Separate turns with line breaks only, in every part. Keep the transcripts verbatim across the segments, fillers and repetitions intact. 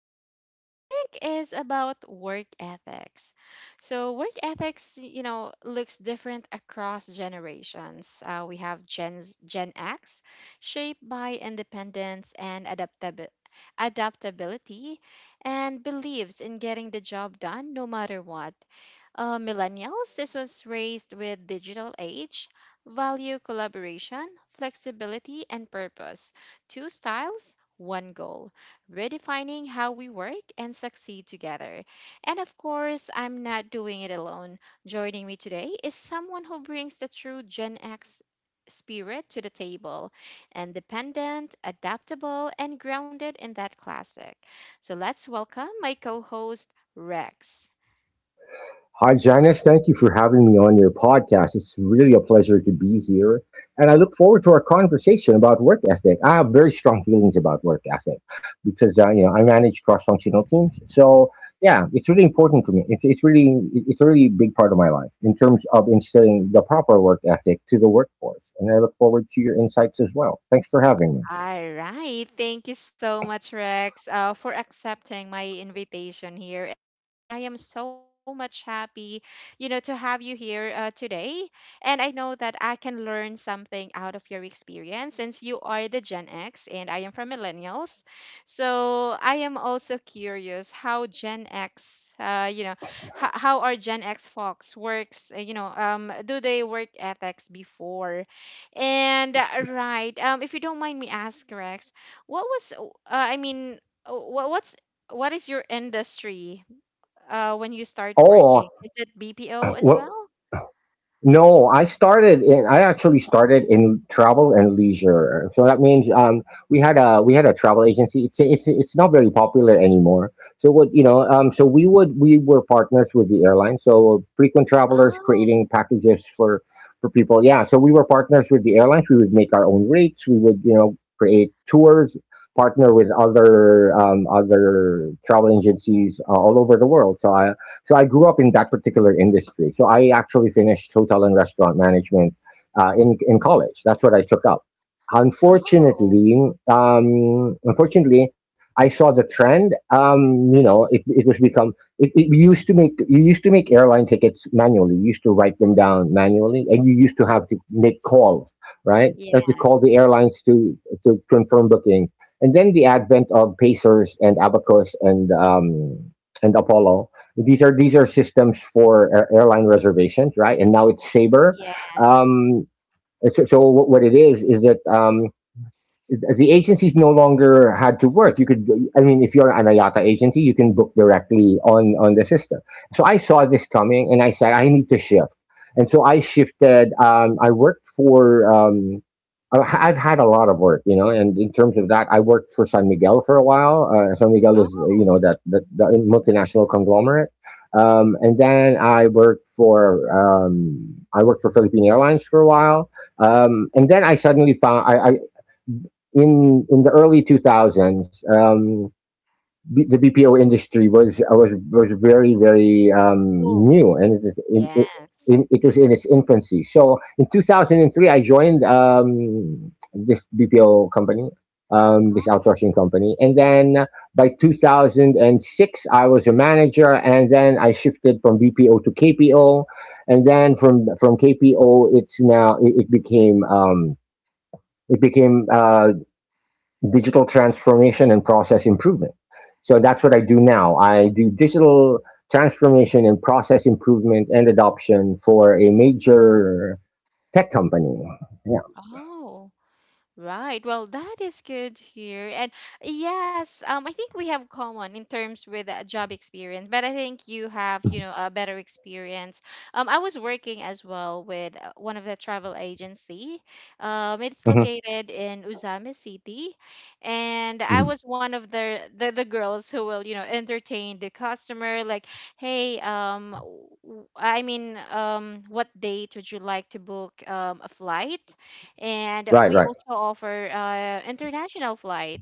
So, for our topic is about work ethics. So, work ethics, you know, looks different across generations. Uh, we have Gen Gen X, shaped by independence and adaptability. Adaptability and believes in getting the job done no matter what. Uh, millennials, this was raised with digital age, value collaboration, flexibility, and purpose. Two styles, one goal, redefining how we work and succeed together. And of course, I'm not doing it alone. Joining me today is someone who brings the true Gen X spirit to the table, independent, adaptable, and grounded in that classic. So let's welcome my co host, Rex.
Hi, Janice. Thank you for having me on your podcast. It's really a pleasure to be here. And I look forward to our conversation about work ethic. I have very strong feelings about work ethic because, uh, you know, I manage cross-functional teams. So, yeah, it's really important to me. It's, it's really, it- it's a really big part of my life in terms of instilling the proper work ethic to the workforce. And I look forward to your insights as well. Thanks for having me.
All right. Thank you so much, Rex, uh, for accepting my invitation here. And I am so much happy, you know, to have you here uh, today. And I know that I can learn something out of your experience since you are the Gen X and I am from Millennials. So I am also curious how Gen X, uh, you know, h- how are Gen X folks works, uh, you know, um, do they work ethics before? And uh, right, um, if you don't mind me asking, Rex, what was uh, I mean, what what's what is your industry uh when you start
Oh,
working? Is it B P O as
well,
well?
no, I started in I actually started in travel and leisure. So that means um we had a we had a travel agency. It's it's it's not very popular anymore. So what you know um so we would we were partners with the airline. So frequent travelers,
Oh,
creating packages for for people. Yeah, so we were partners with the airlines. We would make our own rates. We would you know create tours, partner with other um other travel agencies uh, all over the world. So I so I grew up in that particular industry. So I actually finished hotel and restaurant management uh, in in college. That's what I took up.
oh,
Unfortunately, um, unfortunately, I saw the trend. Um, you know, it, it was become it, it you used to make you used to make airline tickets manually. You used to write them down manually, and you used to have to make calls, right? You
yes,
had to
yes,
call the airlines to to confirm booking. And then the advent of Pacers and Abacus and um, and Apollo. These are these are systems for air- airline reservations, right? And now it's Sabre.
yes.
Um, it's- so what what it is is that um, the agencies no longer had to work. You could, I mean, if you're an Ayaka agency, you can book directly on on the system. So I saw this coming, and I said I need to shift. And so I shifted. Um, I worked for. Um, I- I've had a lot of work, you know, and in terms of that, I worked for San Miguel for a while. Uh, San Miguel is,
Oh,
you know, that that, that multinational conglomerate. Um, and then I worked for um, I worked for Philippine Airlines for a while. Um, and then I suddenly found I, I, In in the early two thousands, um B- the B P O industry was uh, was was very very um,
cool.
new, and it was in, it,
Yes.
in, it was in its infancy. So in two thousand three, I joined um, this B P O company, um, this
Oh,
outsourcing company, and then by two thousand six, I was a manager, and then I shifted from B P O to K P O, and then from from K P O, it's now it, it became um, it became uh, digital transformation and process improvement. So that's what I do now. I do digital transformation and process improvement and adoption for a major tech company. Yeah.
oh, right. Well, that is good here. And yes, um, I think we have common in terms with uh, job experience, but I think you have, you know, a better experience. Um, I was working as well with uh, one of the travel agency. Um, it's
Hmm.
located in Uzami City, and I
Hmm.
was one of the, the the girls who will, you know, entertain the customer. Like, hey, um, w- I mean, um, what date would you like to book um a flight? And
Right,
we
right,
also offer uh, international flight,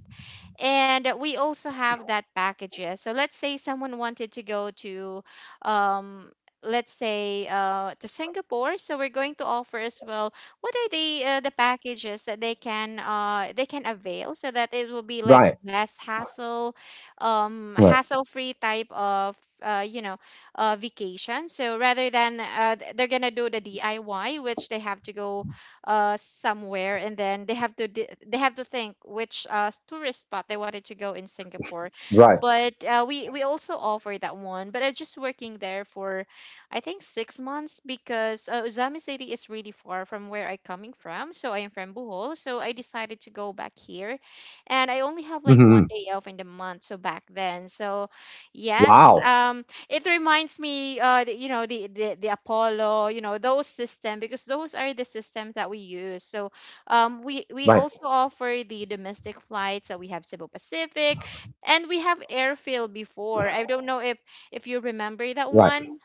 and we also have that packages. So let's say someone wanted to go to um, let's say uh, to Singapore. So we're going to offer as well what are the uh, the packages that they can uh, they can avail, so that it will be like
right,
less hassle, um,
right,
hassle free type of uh, you know uh, vacation. So rather than uh, th- they're gonna do the diy, which they have to go uh, somewhere, and then they have to di- they have to think which uh, tourist spot they wanted to go in Singapore.
right.
But uh, we we also offer that one. But I'm just working there for, I think six months because uh, Uzami City is really far from where I'm coming from. So I am from Bohol, so I decided to go back here, and I only have like one
Hmm.
day off in the month. So back then, so yes,
Wow.
um it reminds me uh the, you know the, the the apollo you know those system, because those are the systems that we use. So um we we
Right,
also offer the domestic flights, so we have cebu pacific and we have airfield before. I don't know if if you remember that
right,
one.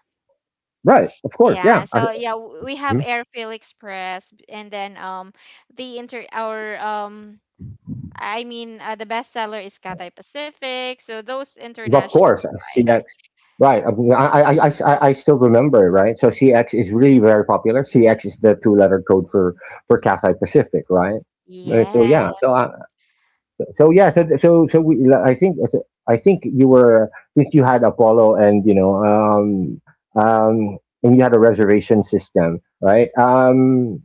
right. Of course. Yeah.
Yeah,
I,
so yeah w- we have airfield express, and then um the inter our um I mean uh, the bestseller is cathay pacific, so those
Of
international
course,
flights.
C X. Right. I, mean, I, I, I, I I still remember, right? So C X is really very popular. C X is the two-letter code for for Cathay Pacific, right? Uh, so
Yeah.
yeah, so uh, so yeah, so so so we, I think uh, I think you were, since you had Apollo and you know um um and you had a reservation system, right? Um,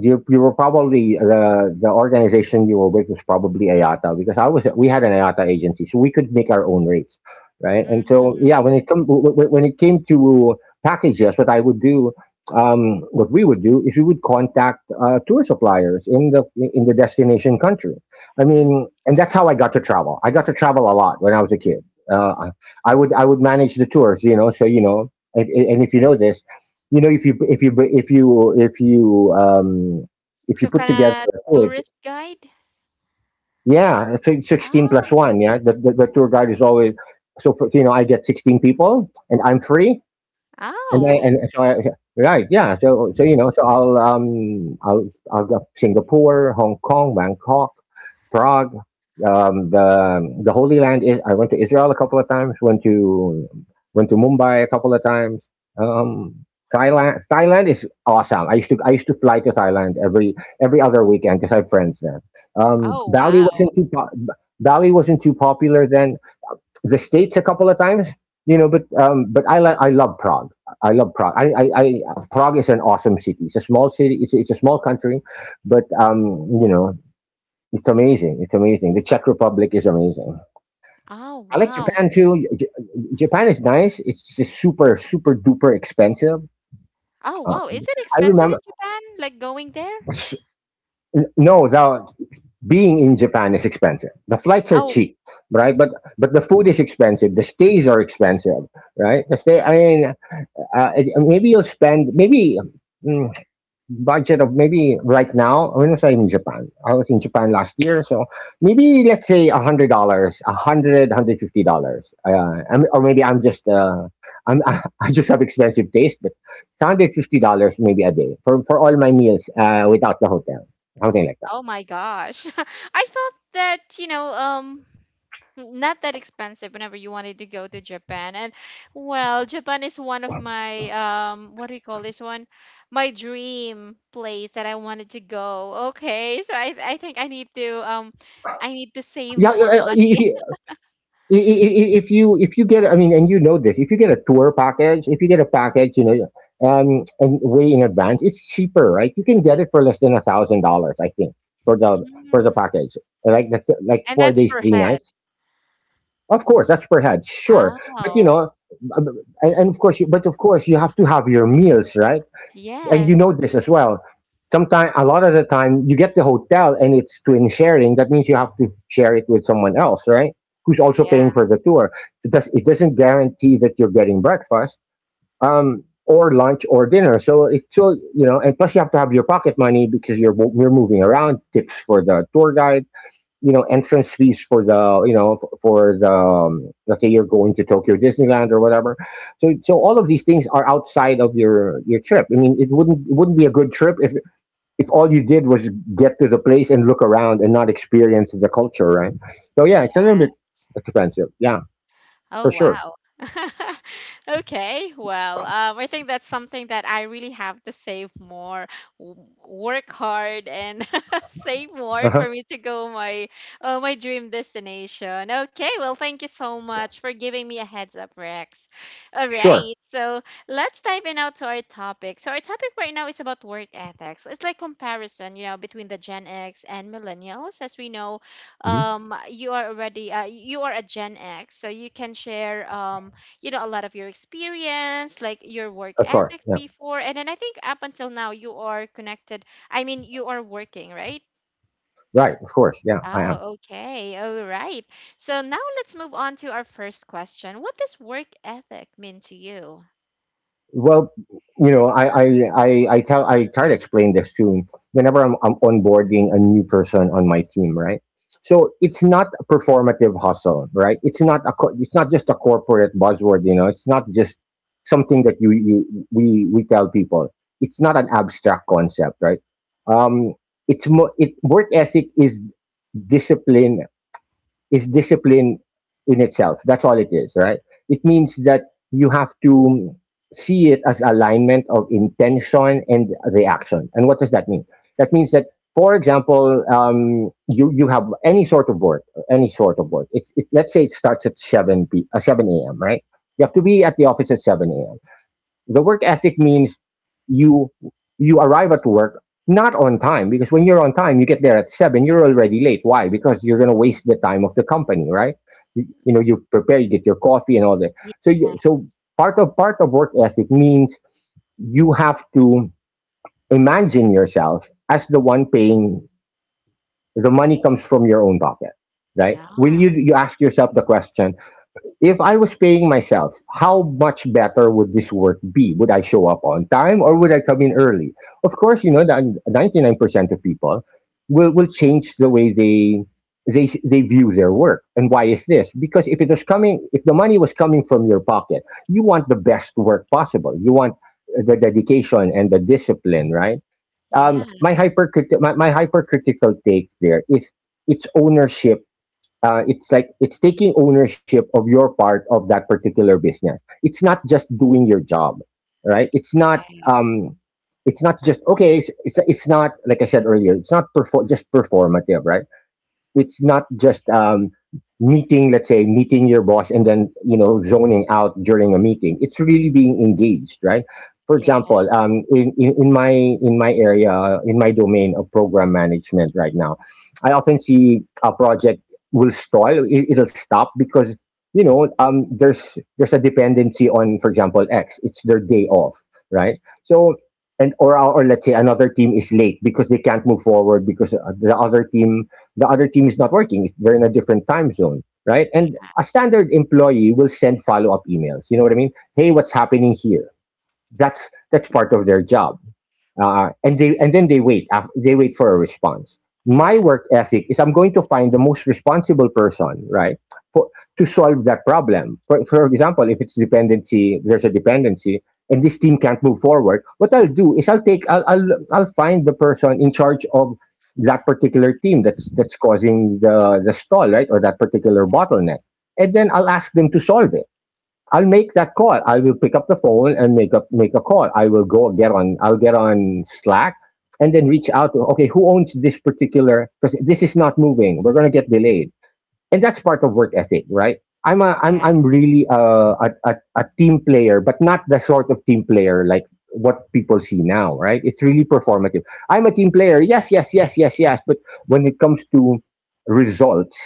you You were probably the the organization you were with was probably IATA, because I was we had an IATA agency, so we could make our own rates, right? And so
Mm-hmm.
yeah, when it come w- w- when it came to packages, what I would do, um, what we would do is we would contact uh, tour suppliers in the in the destination country. I
Mm.
mean, and that's how I got to travel. I got to travel a lot when I was a kid. Uh, I I would I would manage the tours. You know. So you know, and, and if you know this you know if you if you if you if you um If you
So
put together
kinda
a tour,
tourist guide?
yeah, I think sixteen plus
Oh.
one. yeah the, the, the tour guide is always. So for, you know I get sixteen people and I'm free, and I
Oh.
and so I right, yeah. So so you know, so I'll um I'll I'll go Singapore, Hong Kong, Bangkok, Prague, um the the Holy Land. Is I went to Israel a couple of times. Went to went to Mumbai a couple of times. Um, Thailand Thailand is awesome. I used to I used to fly to Thailand every every other weekend because I have friends there. Um,
Oh,
Bali
wow.
wasn't too po- Bali wasn't too popular then. The states a couple of times. You know, but um, but I like I love Prague. I love Prague. I, I, I Prague is an awesome city. It's a small city. It's it's a small country, but um, you know, it's amazing. It's amazing. The Czech Republic is amazing.
Oh,
I like
wow.
Japan too. J- Japan is nice. It's just super super duper expensive.
Oh, wow.
Uh,
Is it
I
expensive in
remember,
Japan, like going there?
no, the being in Japan is expensive. The flights are
Oh,
cheap, right? But but the food is expensive. The stays are expensive. Right the stay I mean Uh, it- maybe you'll spend maybe, mm, budget of maybe, right now. When was I in Japan? I was in Japan last year, so maybe let's say a hundred dollars, a hundred, hundred fifty dollars. Uh, I'm- or maybe I'm just uh, I'm I just have expensive taste, but hundred fifty dollars maybe a day for for all my meals, uh, without the hotel, something like that.
oh my gosh. I thought that, you know, um, not that expensive whenever you wanted to go to Japan. And well, Japan is one of my, um, what do we call this one? My dream place that I wanted to go. Okay, so I, I think I need to, um, I need to save
Yeah,
more
uh, uh, if
money.
you, I- I- I- if you if you get I mean and You know this, if you get a tour package, if you get a package you know um and way in advance, it's cheaper, right? You can get it for less than a thousand dollars, I think, for the for the
Mm.
package, like, that's like
And
four
that's
days
per
three
head.
nights Of course, that's per head, sure, but you
Oh,
know um, and and of course you, but of course you have to have your meals, right? And you
yes.
know this as well. Sometimes, a lot of the time, you get the hotel and it's twin sharing. That means you have to share it with someone else, right? Who's also
Yeah.
paying for the tour. It, does, it doesn't guarantee that you're getting breakfast, um, or lunch or dinner. So it's so you know, and plus you have to have your pocket money because you're mo- you're moving around. Tips for the tour guide, you know entrance fees for the, you know f- for the, um, let's say you're going to Tokyo Disneyland or whatever. So so all of these things are outside of your your trip. I mean, it wouldn't it wouldn't be a good trip if if all you did was get to the place and look around and not experience the culture, right? So yeah, it's a little
Yeah.
bit expensive. Yeah, for
Oh,
sure.
wow. Okay. Well, um, I think that's something that I really have to save more, w- work hard, and save more
Uh huh.
for me to go my uh, my dream destination. Okay. Well, thank you so much for giving me a heads up, Rex. All
Sure.
right. So let's dive in now to our topic. So our topic right now is about work ethics. It's like comparison, you know, between the Gen X and millennials. As we know,
Hmm.
um you are already uh, you are a gen x, so you can share um you know a lot of your experience like your work
Of course.
ethics
Yeah.
before. And then I think up until now you are connected, I mean you are working, right?
Right. Of course. Yeah, I am.
Oh okay, all right. So now let's move on to our first question. What does work ethic mean to you?
Well, you know, I I I, I tell I try to explain this to, whenever I'm, I'm onboarding a new person on my team, right? So it's not a performative hustle, right? It's not a co- it's not just a corporate buzzword, you know. It's not just something that you you we we tell people. It's not an abstract concept, right? Um, it's mo- it Work ethic is discipline, is discipline in itself. That's all it is, right? It means that you have to see it as alignment of intention and reaction. And what does that mean? That means that, for example, um, you you have any sort of work, any sort of work. It's it, let's say it starts at seven p uh, seven a m. Right? You have to be at the office at seven a m. The work ethic means you you arrive at work not on time, because when you're on time, you get there at seven, you're already late. Why? Because you're going to waste the time of the company, right? You, you know
Mm.
you prepare, you get your coffee and all that.
Yes.
So you, so part of part of work ethic means you have to imagine yourself as the one paying, the money comes from your own pocket, right? Will
Yeah.
you you ask yourself the question, if I was paying myself, how much better would this work be? Would I show up on time, or would I come in early? Of course, you know that ninety-nine percent of people will, will change the way they they they view their work. And why is this? Because if it was coming if the money was coming from your pocket, you want the best work possible. You want the dedication and the discipline, right? Um, my
Yes.
hypercrit my, my hypercritical take there is it's ownership, uh, it's like it's taking ownership of your part of that particular business. It's not just doing your job, right? It's not
Yes.
um it's not just okay, it's it's not, like I said earlier, it's not perfor- just performative, right? It's not just um, meeting, let's say, meeting your boss and then, you know, zoning out during a meeting. It's really being engaged, right? For example,
Yes.
um, in, in, in my in my area, in my domain of program management right now, I often see a project will stall, it, it'll stop because you know um, there's there's a dependency on, for example, X. It's their day off, right? So and or or let's say another team is late because they can't move forward because uh, the other team the other team is not working. They're in a different time zone, right? And a
Yes.
standard employee will send follow up emails. You know what I mean? Hey, what's happening here? That's that's part of their job, uh, and they and then they wait. Af- they wait for a response. My
Yeah.
work ethic is I'm going to find the most responsible person, right, for to solve that problem. For, for example, if it's dependency, there's a dependency, and this team can't move forward. What I'll do is I'll take I'll I'll, I'll find the person in charge of that particular team that's that's causing the the stall, right, or that particular bottleneck, and then I'll ask them to solve it. I'll make that call. I will pick up the phone and make a make a call. I will go get on. I'll get on Slack and then reach out to, okay, who owns this particular? Because this is not moving. We're gonna get delayed, and that's part of work ethic, right? I'm a I'm
Yeah.
I'm really a a, a, a team player, but not the sort of team player like what people see now, right? It's really performative. I'm a team player. Yes, yes, yes, yes, yes. But when it comes to results,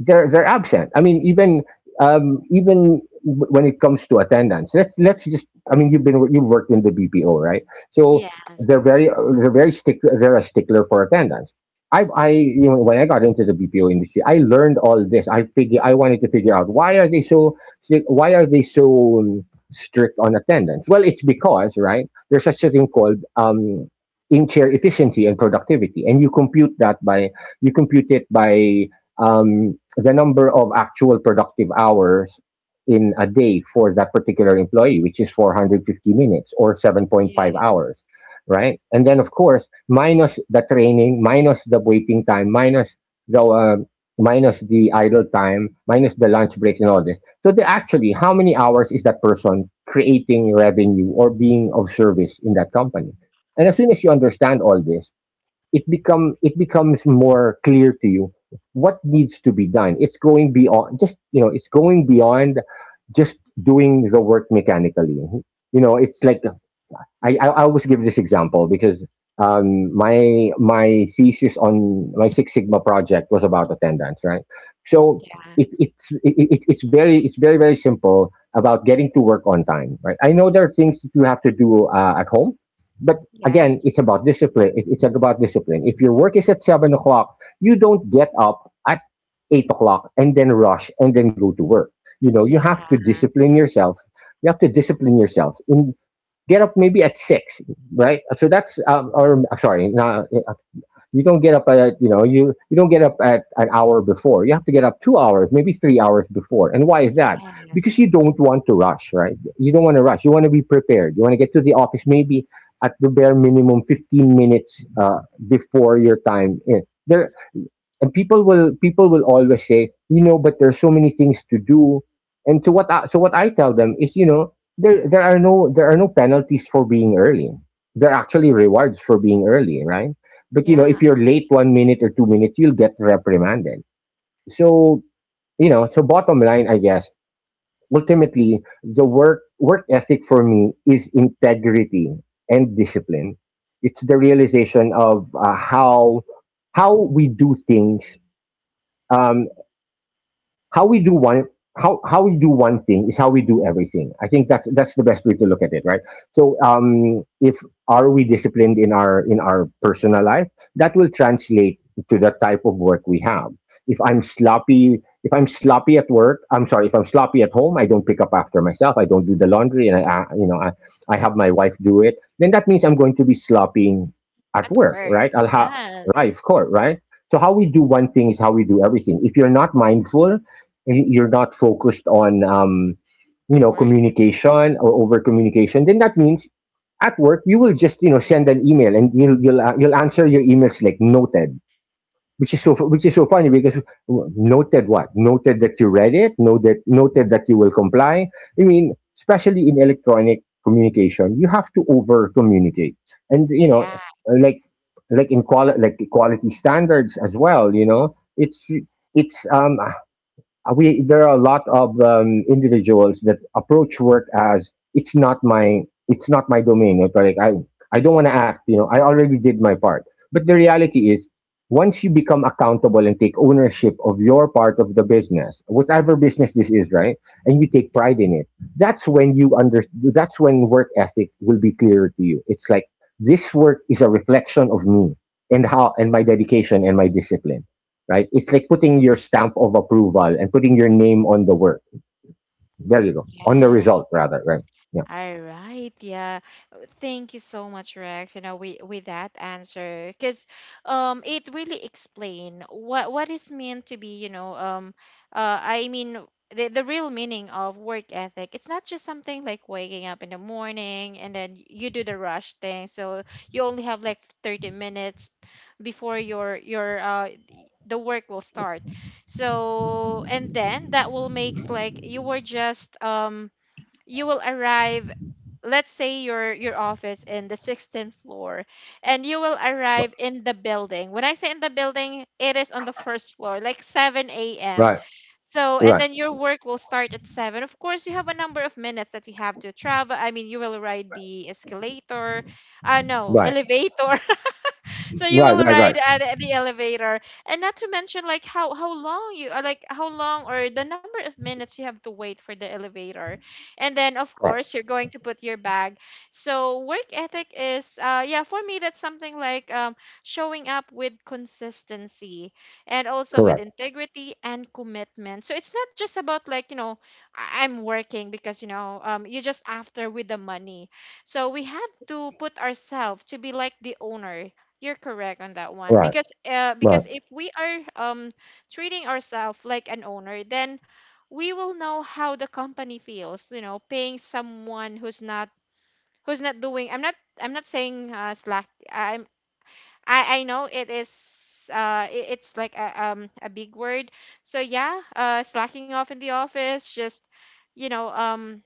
they're they're absent. I mean, even um, even w- when it comes to attendance, let's let's just. I mean, you've been you've worked in the B P O, right? So
Yes.
they're very they're very stick they're a stickler for attendance. I I you know, when I got into the B P O industry, I learned all this. I figure I wanted to figure out why are they so strict- why are they so um, strict on attendance? Well, it's because, right, there's such a thing called um, in chair efficiency and productivity, and you compute that by you compute it by um, the number of actual productive hours in a day for that particular employee, which is four hundred fifty minutes or seven point five
Yes.
hours, right? And then, of course, minus the training, minus the waiting time, minus the uh, minus the idle time, minus the lunch break and all this. So, they actually, how many hours is that person creating revenue or being of service in that company? And as soon as you understand all this, it become it becomes more clear to you what needs to be done. It's going beyond just, you know, it's going beyond just doing the work mechanically. You know, it's like I, I I always give this example because um, my my thesis on my Six Sigma project was about attendance, right? So
Yeah.
it, it's it, it- it's very it's very very simple about getting to work on time, right? I know there are things that you have to do uh, at home, but again, it's
Yes.
about discipline. It, it's about discipline. If your work is at seven o'clock, you don't get up at eight o'clock and then rush and then go to work. You know, you
Yeah.
have to discipline yourself. You have to discipline yourself in get up maybe at six, right? So that's um, or uh, sorry, not, uh, you don't get up at, you know, you you don't get up at an hour before. You have to get up two hours, maybe three hours before. And why is that?
Yes.
Because you don't want to rush, right? You don't want to rush. You want to be prepared. You want to get to the office maybe at the bare minimum fifteen minutes uh, before your time. In. There and people will people will always say, you know, but there's so many things to do. And to what I, so what I tell them is, you know, there there are no there are no penalties for being early. There are actually rewards for being early, right? But you know,
Yeah.
if you're late one minute or two minutes, you'll get reprimanded. So you know, so bottom line, I guess, ultimately, the work work ethic for me is integrity and discipline. It's the realization of uh, how how we do things. Um, how we do one how how we do one thing is how we do everything. I think that's that's the best way to look at it, right? So um, if are we disciplined in our in our personal life, that will translate to the type of work we have. If I'm sloppy, if I'm sloppy at work, I'm sorry. If I'm sloppy at home, I don't pick up after myself. I don't do the laundry, and I, I you know, I, I have my wife do it. Then that means I'm going to be sloppy at
At
work, right?
work.
I'll have right, of
Yes.
course, right. So how we do one thing is how we do everything. If you're not mindful, y- you're not focused on um, you know,
Work.
communication or over communication, then that means at work you will just, you know, send an email and you'll you'll, uh, you'll answer your emails like noted, which is so which is so funny because w- noted what? Noted that you read it, noted, noted that you will comply. I mean, especially in electronic communication, you have to over communicate. And you know,
Yeah.
like like in quali- like quality standards as well, you know, it's it's um uh, we there are a lot of um, individuals that approach work as it's not my it's not my domain. It's like I I don't want to act. You know, I already did my part. But the reality is, once you become accountable and take ownership of your part of the business, whatever business this is, right, and you take pride in it, that's when you under that's when work ethic will be clearer to you. It's like this work is a reflection of me and how and my dedication and my discipline, right? It's like putting your stamp of approval and putting your name on the work. There you go. On the result,
Yes.
rather, right? Yeah.
All right, yeah. Uh, thank you so much, Rex. You know, with with that answer, because um, it really explain what what is meant to be. You know, um, uh, I mean, the the real meaning of work ethic. It's not just something like waking up in the morning and then you do the rush thing. So you only have like thirty minutes before your your uh the work will start. So and then that will makes like you were just um you will arrive, let's say your your office in the sixteenth floor, and you will
Right.
arrive in the building, when I say in the building, it is on the first floor like seven a.m.
Right.
So and
Right.
then your work will start at seven. Of course you have a number of minutes that you have to travel, I mean you will ride the escalator, uh no
Right.
elevator. So you
Right.
will
Right. Right.
ride at the elevator, and not to mention like how how long you uh, like how long or the number of minutes you have to wait for the elevator. And then of
Right.
course you're going to put your bag. So work ethic is uh yeah for me that's something like um showing up with consistency, and also with
Correct.
integrity and commitment. So it's not just about like you know I- I'm working because you know um you're just after with the money. So we have to put ourselves to be like the owner. You're correct on that one,
Right.
because uh,
Right.
because if we are um treating ourselves like an owner, then we will know how the company feels. You know, paying someone who's not who's not doing. I'm not I'm not saying uh, slack. I'm I I know it is uh it- it's like a um a big word. So yeah, uh slacking off in the office, just you know um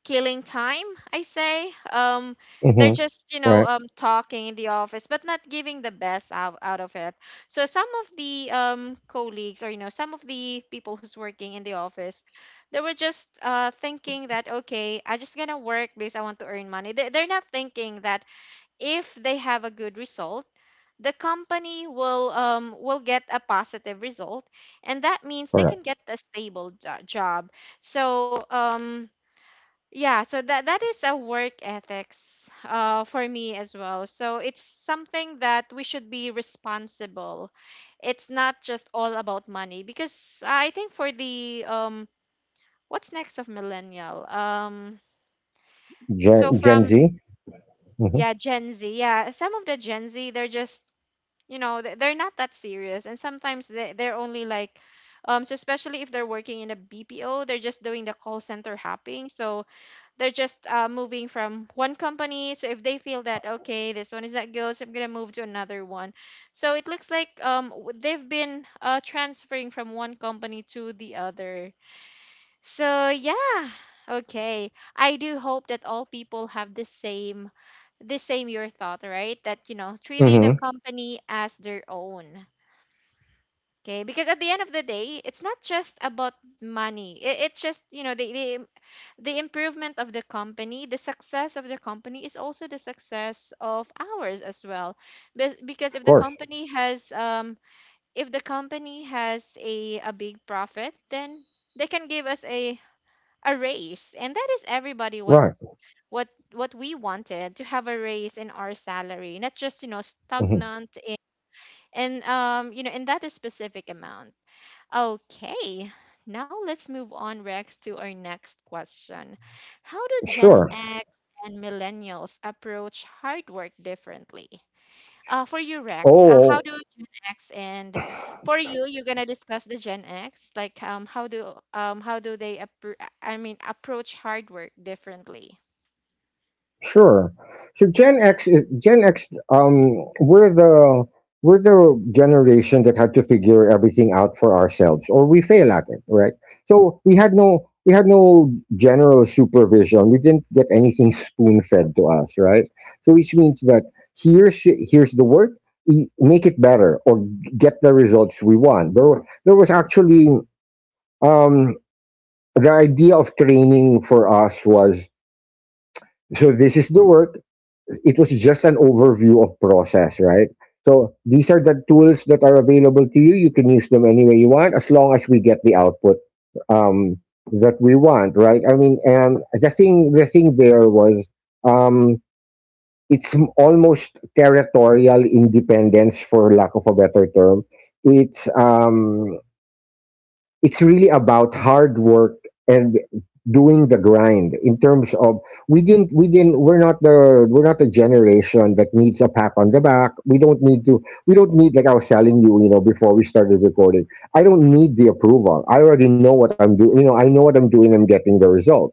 killing time, I say um they're
Mm-hmm.
just you know
Right.
um talking in the office but not giving the best out, out of it. So some of the um colleagues, or you know, some of the people who's working in the office, they were just uh thinking that okay I just gonna work because I want to earn money. They, they're not thinking that if they have a good result, the company will um will get a positive result, and that means they can
Correct.
get a stable jo- job. So um yeah, so that that is a work ethics uh, for me as well. So it's something that we should be responsible. It's not just all about money, because I think for the um what's next of millennial? Um so
Gen, Gen
from
Z. Mm-hmm.
yeah, Gen Z. Yeah, some of the Gen Z they're just, you know, they- they're not that serious, and sometimes they they're only like um so especially if they're working in a B P O, they're just doing the call center hopping. So they're just uh, moving from one company. So if they feel that okay this one is not good, so I'm gonna move to another one. So it looks like um w- they've been uh, transferring from one company to the other. So yeah, okay, I do hope that all people have the same, the same your thought, right? That you know treating the
Mm-hmm. Of
company as their own. Okay, because at the end of the day, it's not just about money. It, it's just you know they, they, the improvement of the company, the success of the company is also the success of ours as well. Bes- Because if the
course.
company has um if the company has a, a big profit, then they can give us a a raise. And that is everybody what's
Right.
what what we wanted, to have a raise in our salary, not just you know
Mm-hmm.
stagnant in and um you know in that specific amount. Okay, now let's move on, Rex, to our next question. How do Gen
Sure.
X and millennials approach hard work differently? Uh, for you, Rex, uh, how
Oh.
do Gen X and for you, you're gonna discuss the Gen X, like um, how do um, how do they appro- I mean approach hard work differently?
Sure. So Gen X, is- Gen X, um, we're the we're the generation that had to figure everything out for ourselves, or we fail at it, right? So we had no we had no general supervision. We didn't get anything spoon fed to us, right? So which means that here's here's the work, e- make it better, or get the results we want. There were- there was actually um, the idea of training for us was so this is the work, it was just an overview of process, right? So these are the tools that are available to you. You can use them any way you want, as long as we get the output um, that we want, right? I mean, and the thing, the thing there was, um, it's m- almost territorial independence, for lack of a better term. It's um, it's really about hard work and doing the grind in terms of we didn't we didn't we're not the we're not the generation that needs a pat on the back. We don't need to we don't need like I was telling you, you know, before we started recording, I don't need the approval. I already know what I'm doing. You know, I know what I'm doing. I'm getting the results.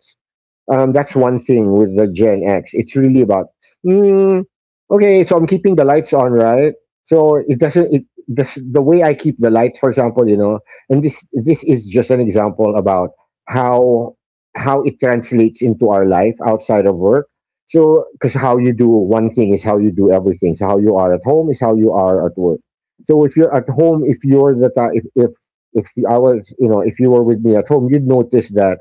um, that's one
Yes.
thing with the Gen X. It's really about, mm, okay, so I'm keeping the lights on, right? So it doesn't. It the s- the way I keep the lights, for example, you know, and this this is just an example about how how it translates into our life outside of work. So, because how you do one thing is how you do everything. So how you are at home is how you are at work. So if you're at home, if you're the ti- if if if I was, you know, if you were with me at home, you'd notice that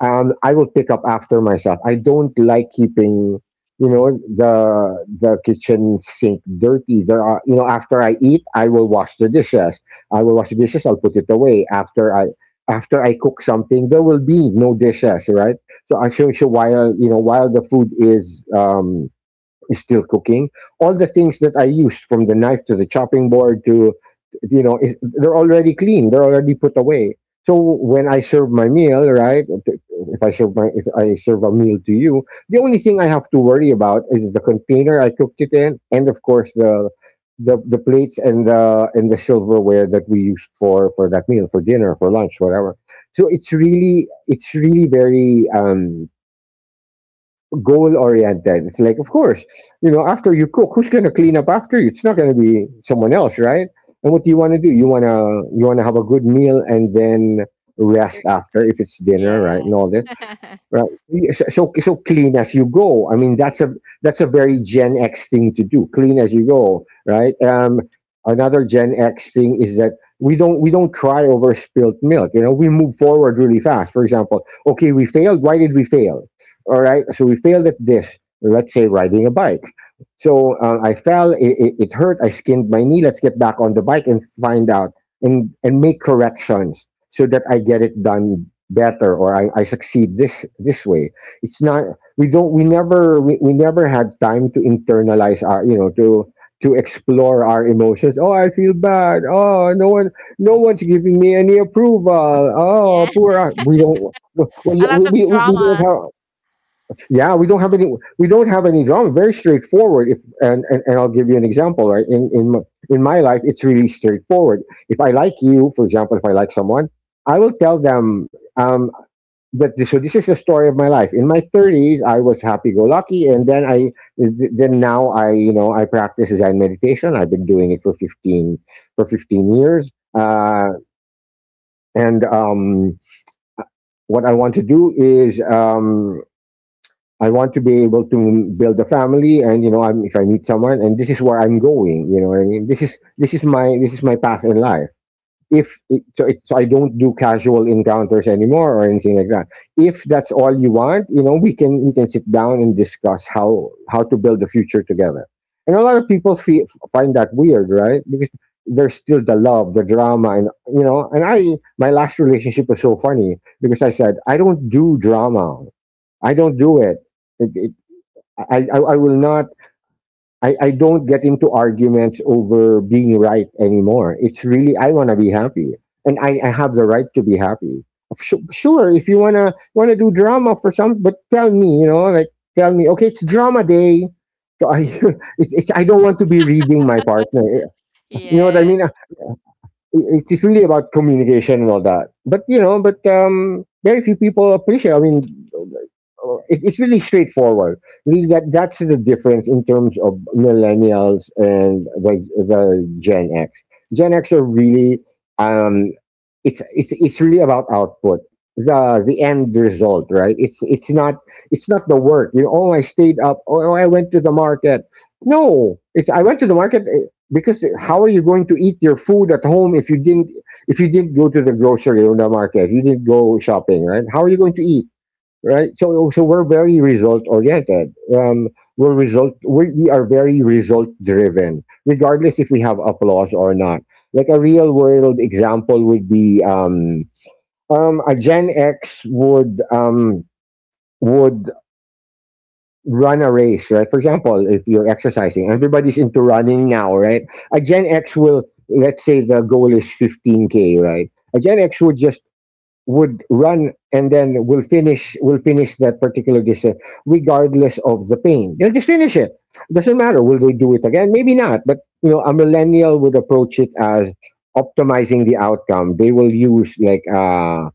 um, I will pick up after myself. I don't like keeping, you know, the the kitchen sink dirty. There are, you know, after I eat, I will wash the dishes. I will wash the dishes. I'll put it away after I after I cook something. There will be no dishes, right? So I show you while you know while the food is um, is still cooking. All the things that I used, from the knife to the chopping board to, you know, it, they're already clean. They're already put away. So when I serve my meal, right? If I serve my, if I serve a meal to you, the only thing I have to worry about is the container I cooked it in, and of course the, the, the plates and the and the silverware that we used for for that meal, for dinner, for lunch, whatever. So it's really it's really very um, goal oriented. It's like, of course, you know, after you cook, who's gonna clean up after you? It's not gonna be someone else, right? And what do you want to do? You wanna you wanna have a good meal and then rest
You're,
after if it's
yeah.
dinner, right? And all this. Right. Y- So, so so clean as you go. I mean, that's a that's a very Gen X thing to do. Clean as you go, right? Um, another Gen X thing is that we don't we don't cry over spilt milk. You know, we move forward really fast. For example, okay, we failed. Why did we fail? All right, so we failed at this. Let's say riding a bike. So uh, I fell. It, it, it hurt. I skinned my knee. Let's get back on the bike and find out and and make corrections so that I get it done better or I, I succeed this this way. It's not we don't we never we, we never had time to internalize our you know to to explore our emotions. Oh, I feel bad. Oh, no one no one's giving me any approval. Oh,
Yeah.
poor us. we don't
A
we,
lot of
we, we, we don't
drama.
have, yeah, we don't have any, we don't have any drama. Very straightforward. If and, and, and I'll give you an example, right? In in my, in my life it's really straightforward. If I like you, for example, if I like someone, I will tell them. Um but this, so this is the story of my life. In my thirties, I was happy-go-lucky, and then I, th- then now I, you know, I practice Zen meditation. I've been doing it for fifteen for fifteen years. Uh, and um, what I want to do is, um, I want to be able to build a family, and you know, I'm, if I meet someone, and this is where I'm going. You know what I mean, this is this is my this is my path in life. If it, so, it, so I don't do casual encounters anymore or anything like that. If that's all you want, you know, we can we can sit down and discuss how how to build the future together. And a lot of people feel, find that weird, right? Because there's still the love, the drama, and you know. And I, my last relationship was so funny because I said I don't do drama. I don't do it. it, it I, I I will not. I, I don't get into arguments over being right anymore. It's really, I want to be happy. And I, I have the right to be happy. Su- Sure, if you want to want to do drama for some, but tell me, you know, like, tell me, okay, it's drama day. So I, it's, it's, I don't want to be reading my partner. You know what I mean?
Yes.
Uh, it- It's really about communication and all that. But, you know, but um, very few people appreciate. I mean, uh, it, it's really straightforward. Really, that that's the difference in terms of millennials and the the Gen X. Gen X are really, um, it's it's it's really about output, the the end result, right? It's it's not it's not the work. You know, oh, I stayed up. Oh, oh, I went to the market. No, it's I went to the market, eh, because how are you going to eat your food at home if you didn't if you didn't go to the grocery or the market? You didn't go shopping, right? How are you going to eat? Right? So, so we're very result oriented. Um, we're result. We, we are very result driven, regardless if we have applause or not. Like a real world example would be, um, um, a Gen X would um, would run a race, right? For example, if you're exercising, everybody's into running now, right? A Gen X will, let's say, the goal is fifteen k, right? A Gen X would just would run and then will finish will finish that particular distance regardless of the pain. They'll just finish it. Doesn't matter. Will they do it again? Maybe not. But you know, a millennial would approach it as optimizing the outcome. They will use like uh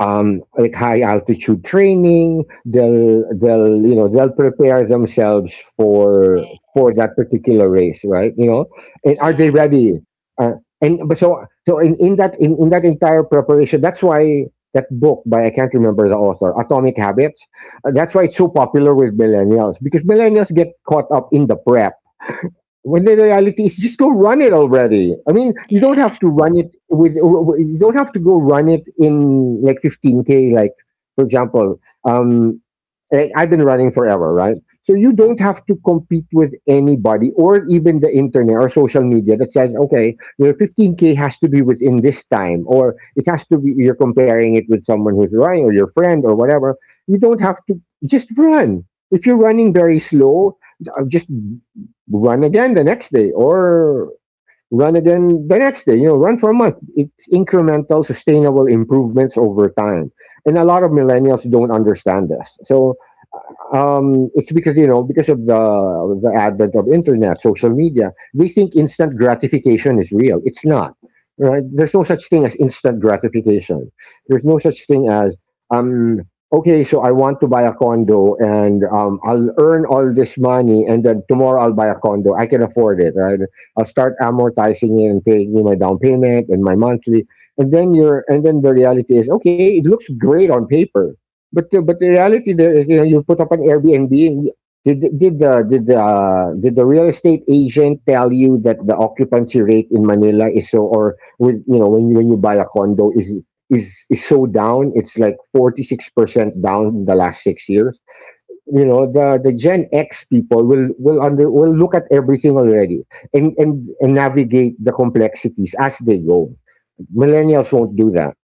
um, like high altitude training. They'll they'll you know they'll prepare themselves for for that particular race, right? You know, and are
Yeah.
they ready? Uh, and but so so in, in that in, in that entire preparation, that's why that book by, I can't remember the author, Atomic Habits. Uh, that's why it's so popular with millennials because millennials get caught up in the prep when the reality is just go run it already. I mean you don't
Yeah.
have to run it with you don't have to go run it in like fifteen k. Like for example, um like I've been running forever, right? So you don't have to compete with anybody or even the internet or social media that says okay your fifteen k has to be within this time or it has to be, you're comparing it with someone who's running or your friend or whatever. You don't have to, just run. If you're running very slow, uh, just run again the next day. Or run again the next day you know, run for a month. It's incremental sustainable improvements over time. And a lot of millennials don't understand this. So, um, it's because you know because of the the advent of internet, social media, they think instant gratification is real. It's not, right? There's no such thing as instant gratification. There's no such thing as, um, okay, so I want to buy a condo and um, I'll earn all this money and then tomorrow I'll buy a condo. I can afford it, right? I'll start amortizing it and paying you my down payment and my monthly, and then you're and then the reality is okay, it looks great on paper, but the but the reality there is, you know, you put up an Airbnb. And you- did the- did the did the uh, did the real estate agent tell you that the occupancy rate in Manila is so, or with you know when you when you buy a condo is is is so down? It's like forty six percent down in the last six years. You know the the Gen X people will will under will look at everything already and and and navigate the complexities as they go. Millennials won't do that.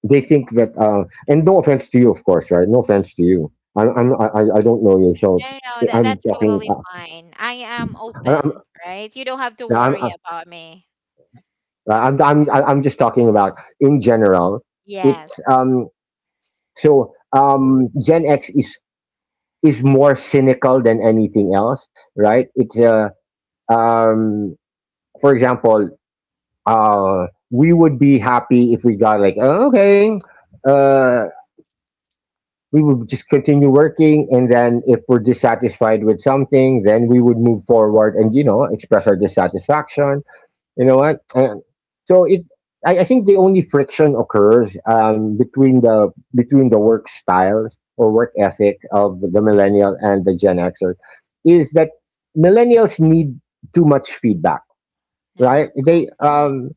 They think that, uh, and no offense to you, of course, right? No offense to you. I'm, I'm I, I I don't know you, so
No, no, that that's
I'm talking.
totally
Uh,
fine. I am open,
I'm,
right? You don't have to
I'm,
worry about me.
I'm, I'm, I'm just talking about in general. It's,
Yes.
um, so, um, Gen X is is more cynical than anything else, right? It's, uh, um, for example, uh, we would be happy if we got like, "Oh, okay, uh, we would just continue working and then if we're dissatisfied with something then we would move forward and you know express our dissatisfaction, you know what. And so it I, I think the only friction occurs, um, between the between the work styles or work ethic of the millennial and the gen xer is that millennials need too much feedback,
No,
right? they
yes.
um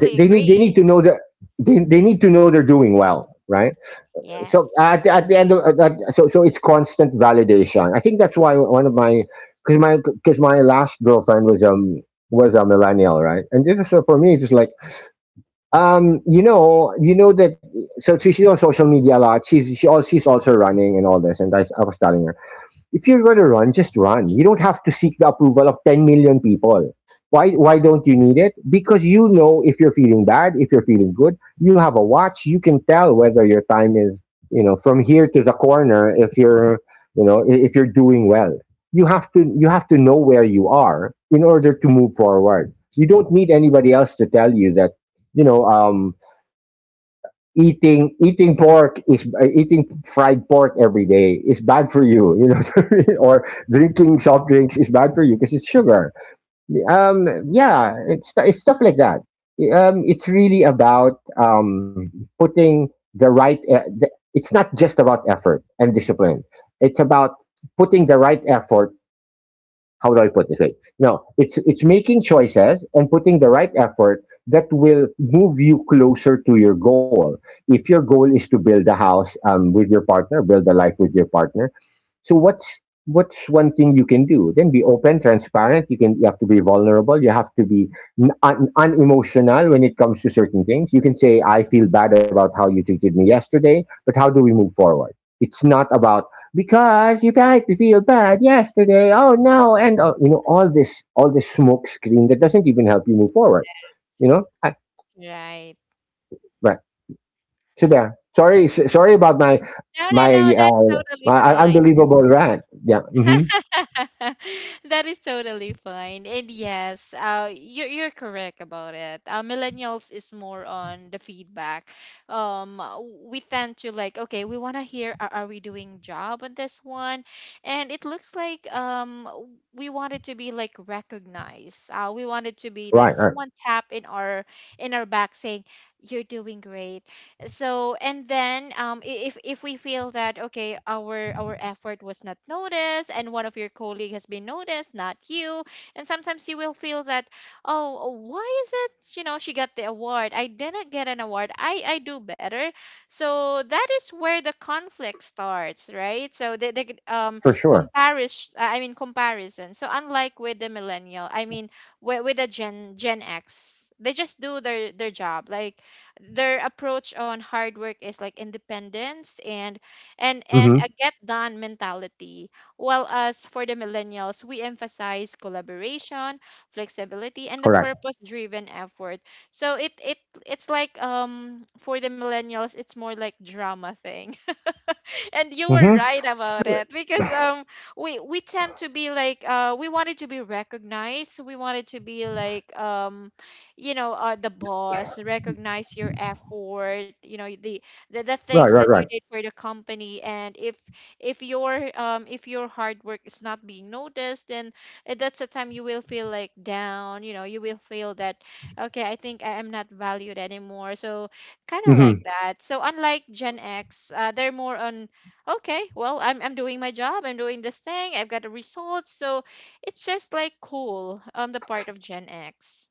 they, they need they need
agree.
to know that they, they need to know they're doing well, right? So
Yes.
at, the- at the end of at, at- so so it's constant validation. I think that's why one of my, because my because my last girlfriend was, um was a millennial, right? And this is so for me, it's just like, um you know you know that, so she's on social media a lot. She's she all she's also running and all this. And I, I was telling her, if you're going to run, just run. You don't have to seek the approval of ten million people. Why, why don't you need it? Because you know if you're feeling bad, if you're feeling good, you have a watch. You can tell whether your time is, you know, from here to the corner. If you're, you know, i- if you're doing well, you have to you have to know where you are in order to move forward. You don't need anybody else to tell you that, you know, um, eating eating pork is uh, eating fried pork every day is bad for you, you know what I mean? Or drinking soft drinks is bad for you because it's sugar. Um yeah, it's it's stuff like that. Um it's really about um putting the right e- the, it's not just about effort and discipline. It's about putting the right effort. How do I put this? Right? No, it's it's making choices and putting the right effort that will move you closer to your goal. If your goal is to build a house, um, with your partner, build a life with your partner, so what's what's one thing you can do? Then be open, transparent. You can you have to be vulnerable. You have to be n- un- unemotional when it comes to certain things. You can say, "I feel bad about how you treated me yesterday, but how do we move forward?" It's not about because you made me feel bad yesterday. Oh no, and uh, you know all this all this smoke screen that doesn't even help you move forward. You know, I,
Right.
right? So there. Sorry, s- sorry about my
No, no,
my
no, that's
uh,
totally
my
fine.
unbelievable rant. Yeah. Hmm.
That is totally fine. And yes, uh, you're, you're correct about it. Uh, millennials is more on the feedback. Um, uh, we tend to like, okay, we want to hear, are, are we doing job on this one? And it looks like um, w- we wanted to be like recognized. Uh, we want it to be like
Right. Right.
someone tap in our in our back saying, you're doing great. So and then um i- if if we feel that okay, our our effort was not noticed and one of your colleague has been noticed, not you, and sometimes you will feel that, oh, why is it, you know, she got the award, I didn't get an award, i i do better. So that is where the conflict starts, right? So the, the um
For sure.
comparison, I mean, comparison. So unlike with the millennial, I mean, with, with the gen gen x, they just do their their job. Like their approach on hard work is like independence and and and
Hmm.
a get done mentality, while us, for the millennials, we emphasize collaboration, flexibility, and the
Correct.
purpose driven effort. So it it it's like, um for the millennials, it's more like drama thing. And you
Hmm.
were right about it because um we we tend to be like, uh we wanted to be recognized, we wanted to be like, um you know, uh the boss recognize your effort, you know, the the, the
Right, right,
things
right.
that you did for the company. And if if your um if your hard work is not being noticed, then uh, that's the time you will feel like down, you know, you will feel that okay, I think I am not valued anymore. So kind of like
Hmm.
that. So unlike Gen X, uh, they're more on, okay, well, i'm i'm doing my job, I'm doing this thing, I've got the results. So it's just like cool on the part of Gen X.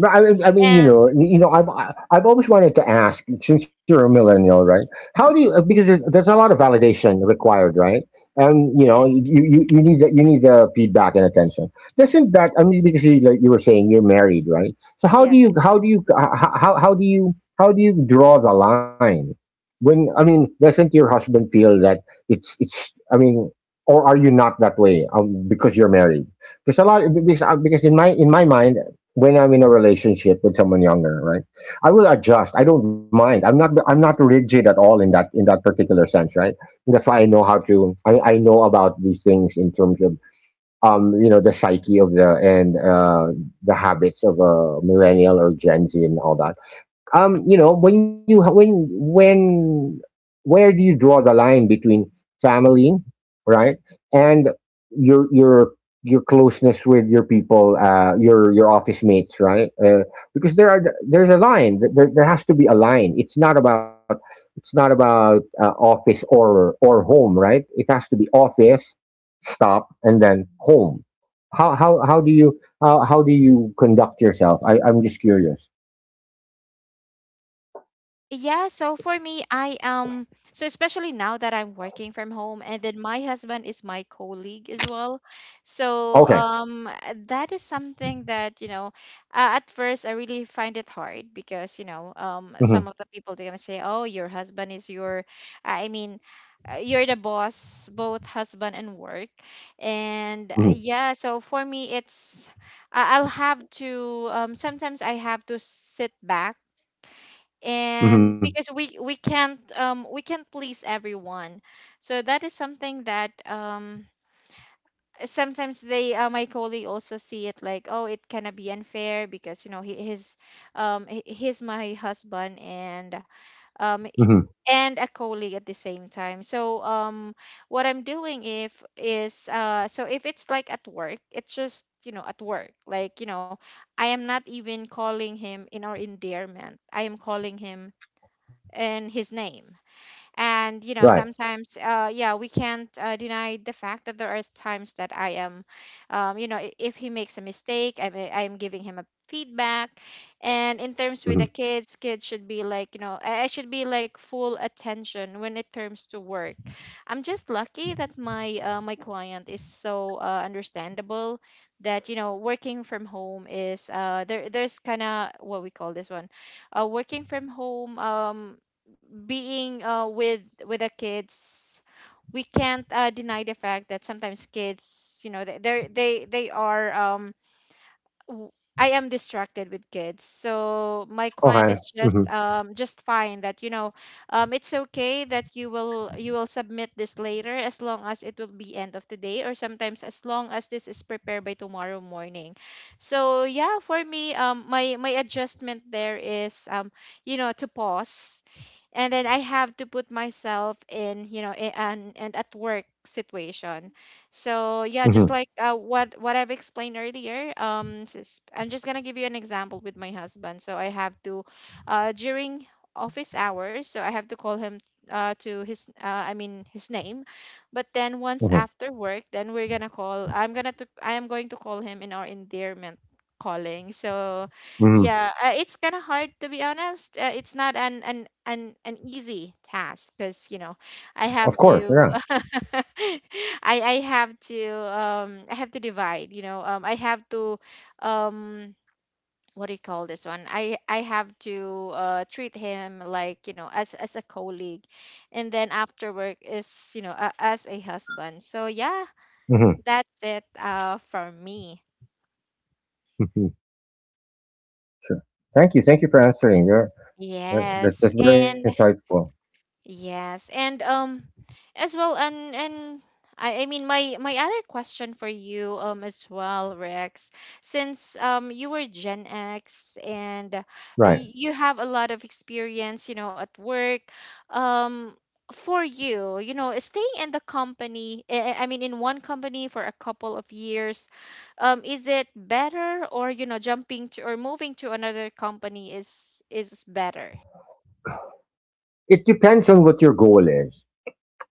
But I, mean- I mean, you
And
know, you know, I've I- I've always wanted to ask, since you're a millennial, right? How do you because there's, there's a lot of validation required, right? And you know, you,
yes.
you, you need the, you need the feedback and attention. Doesn't that? I mean, because you, like you were saying, you're married, right? So how do
Yes.
you how do you h- how how do you how do you draw the line? When I mean, doesn't your husband feel that it's it's? I mean, or are you not that way, um, because you're married? Because a lot because, uh, because in my in my mind, when I'm in a relationship with someone younger, right? I will adjust. I don't mind. I'm not I'm not rigid at all in that, in that particular sense, right? That's why I know how to I, I know about these things in terms of, um, you know, the psyche of the, and uh the habits of a millennial or Gen Z, and all that. Um you know when you when when where do you draw the line between family, right, and your your your closeness with your people, uh your your office mates, right, uh, because there are there's a line, there, there has to be a line. It's not about, it's not about uh, office or or home, right, it has to be office stop, and then home. How how how do you how, how do you conduct yourself? i I'm just curious.
Yeah. So for me, I um so especially now that I'm working from home, and then my husband is my colleague as well. So
Okay.
um that is something that, you know, uh, at first I really find it hard because, you know, um some
Mm-hmm.
of the people, they're gonna say, oh, your husband is your, I mean, uh, you're the boss, both husband and work. And uh,
Mhm,
yeah, so for me it's, I- I'll have to, um sometimes I have to sit back.
mhm,
And because we we can't, um we can't please everyone. So that is something that um sometimes they uh, my colleague also see it like, oh, it cannot be, unfair, because, you know, he his um he- he's my husband and um
mhm,
and a colleague at the same time. So um what I'm doing if is, uh so if it's like at work, it's just, you know, at work, like, you know, I am not even calling him in our endearment, I am calling him in his name. And you
right,
know, sometimes, uh, yeah, we can't uh, deny the fact that there are times that I am, um, you know, i- if he makes a mistake, I'm I'm giving him a feedback. And in terms with
mhm,
the kids, kids should be like, you know, I I should be like full attention when it comes to work. I'm just lucky that my uh, my client is so uh, understandable, that you know, working from home is uh there, there's kind of what we call this one, uh, working from home, um, being uh, with with the kids, we can't uh, deny the fact that sometimes kids, you know, they they're- they they are um w- I am distracted with kids. So my client
okay,
is just
mhm,
um just fine that, you know, um it's okay that you will you will submit this later, as long as it will be end of today, or sometimes as long as this is prepared by tomorrow morning. So yeah, for me, um my my adjustment there is, um you know, to pause, and then I have to put myself in, you know, a- an and at work situation. So yeah,
mhm,
just like, uh, what what I've explained earlier, um, just, I'm just gonna give you an example with my husband. So I have to, uh, during office hours, so I have to call him uh to his uh I mean his name. But then once
mhm,
after work, then we're gonna call, I'm gonna to I am going to call him in our endearment calling. So
mhm,
yeah, uh, it's kind of hard to be honest. Uh, it's not an an an an easy task, because, you know, I
of
have
course, yeah,
to. I I have to, um I have to divide, you know. Um I have to, um what do you call this one? I I have to, uh treat him like, you know, as as a colleague. And then after work is, you know, a, as a husband. So yeah,
mhm,
that's it uh for me.
mhm, sure. Thank you, thank you for answering. You're, uh, that,
Yes.
that's very
And,
insightful.
yes, and um, as well, and and I, I mean, my my other question for you um as well, Rex, since um you were Gen X, and uh,
Right.
y- you have a lot of experience, you know, at work, um. For you, you know, staying in the company, eh, I mean, in one company for a couple of years, um, is it better, or, you know, jumping to or moving to another company is is better?
It depends on what your goal is.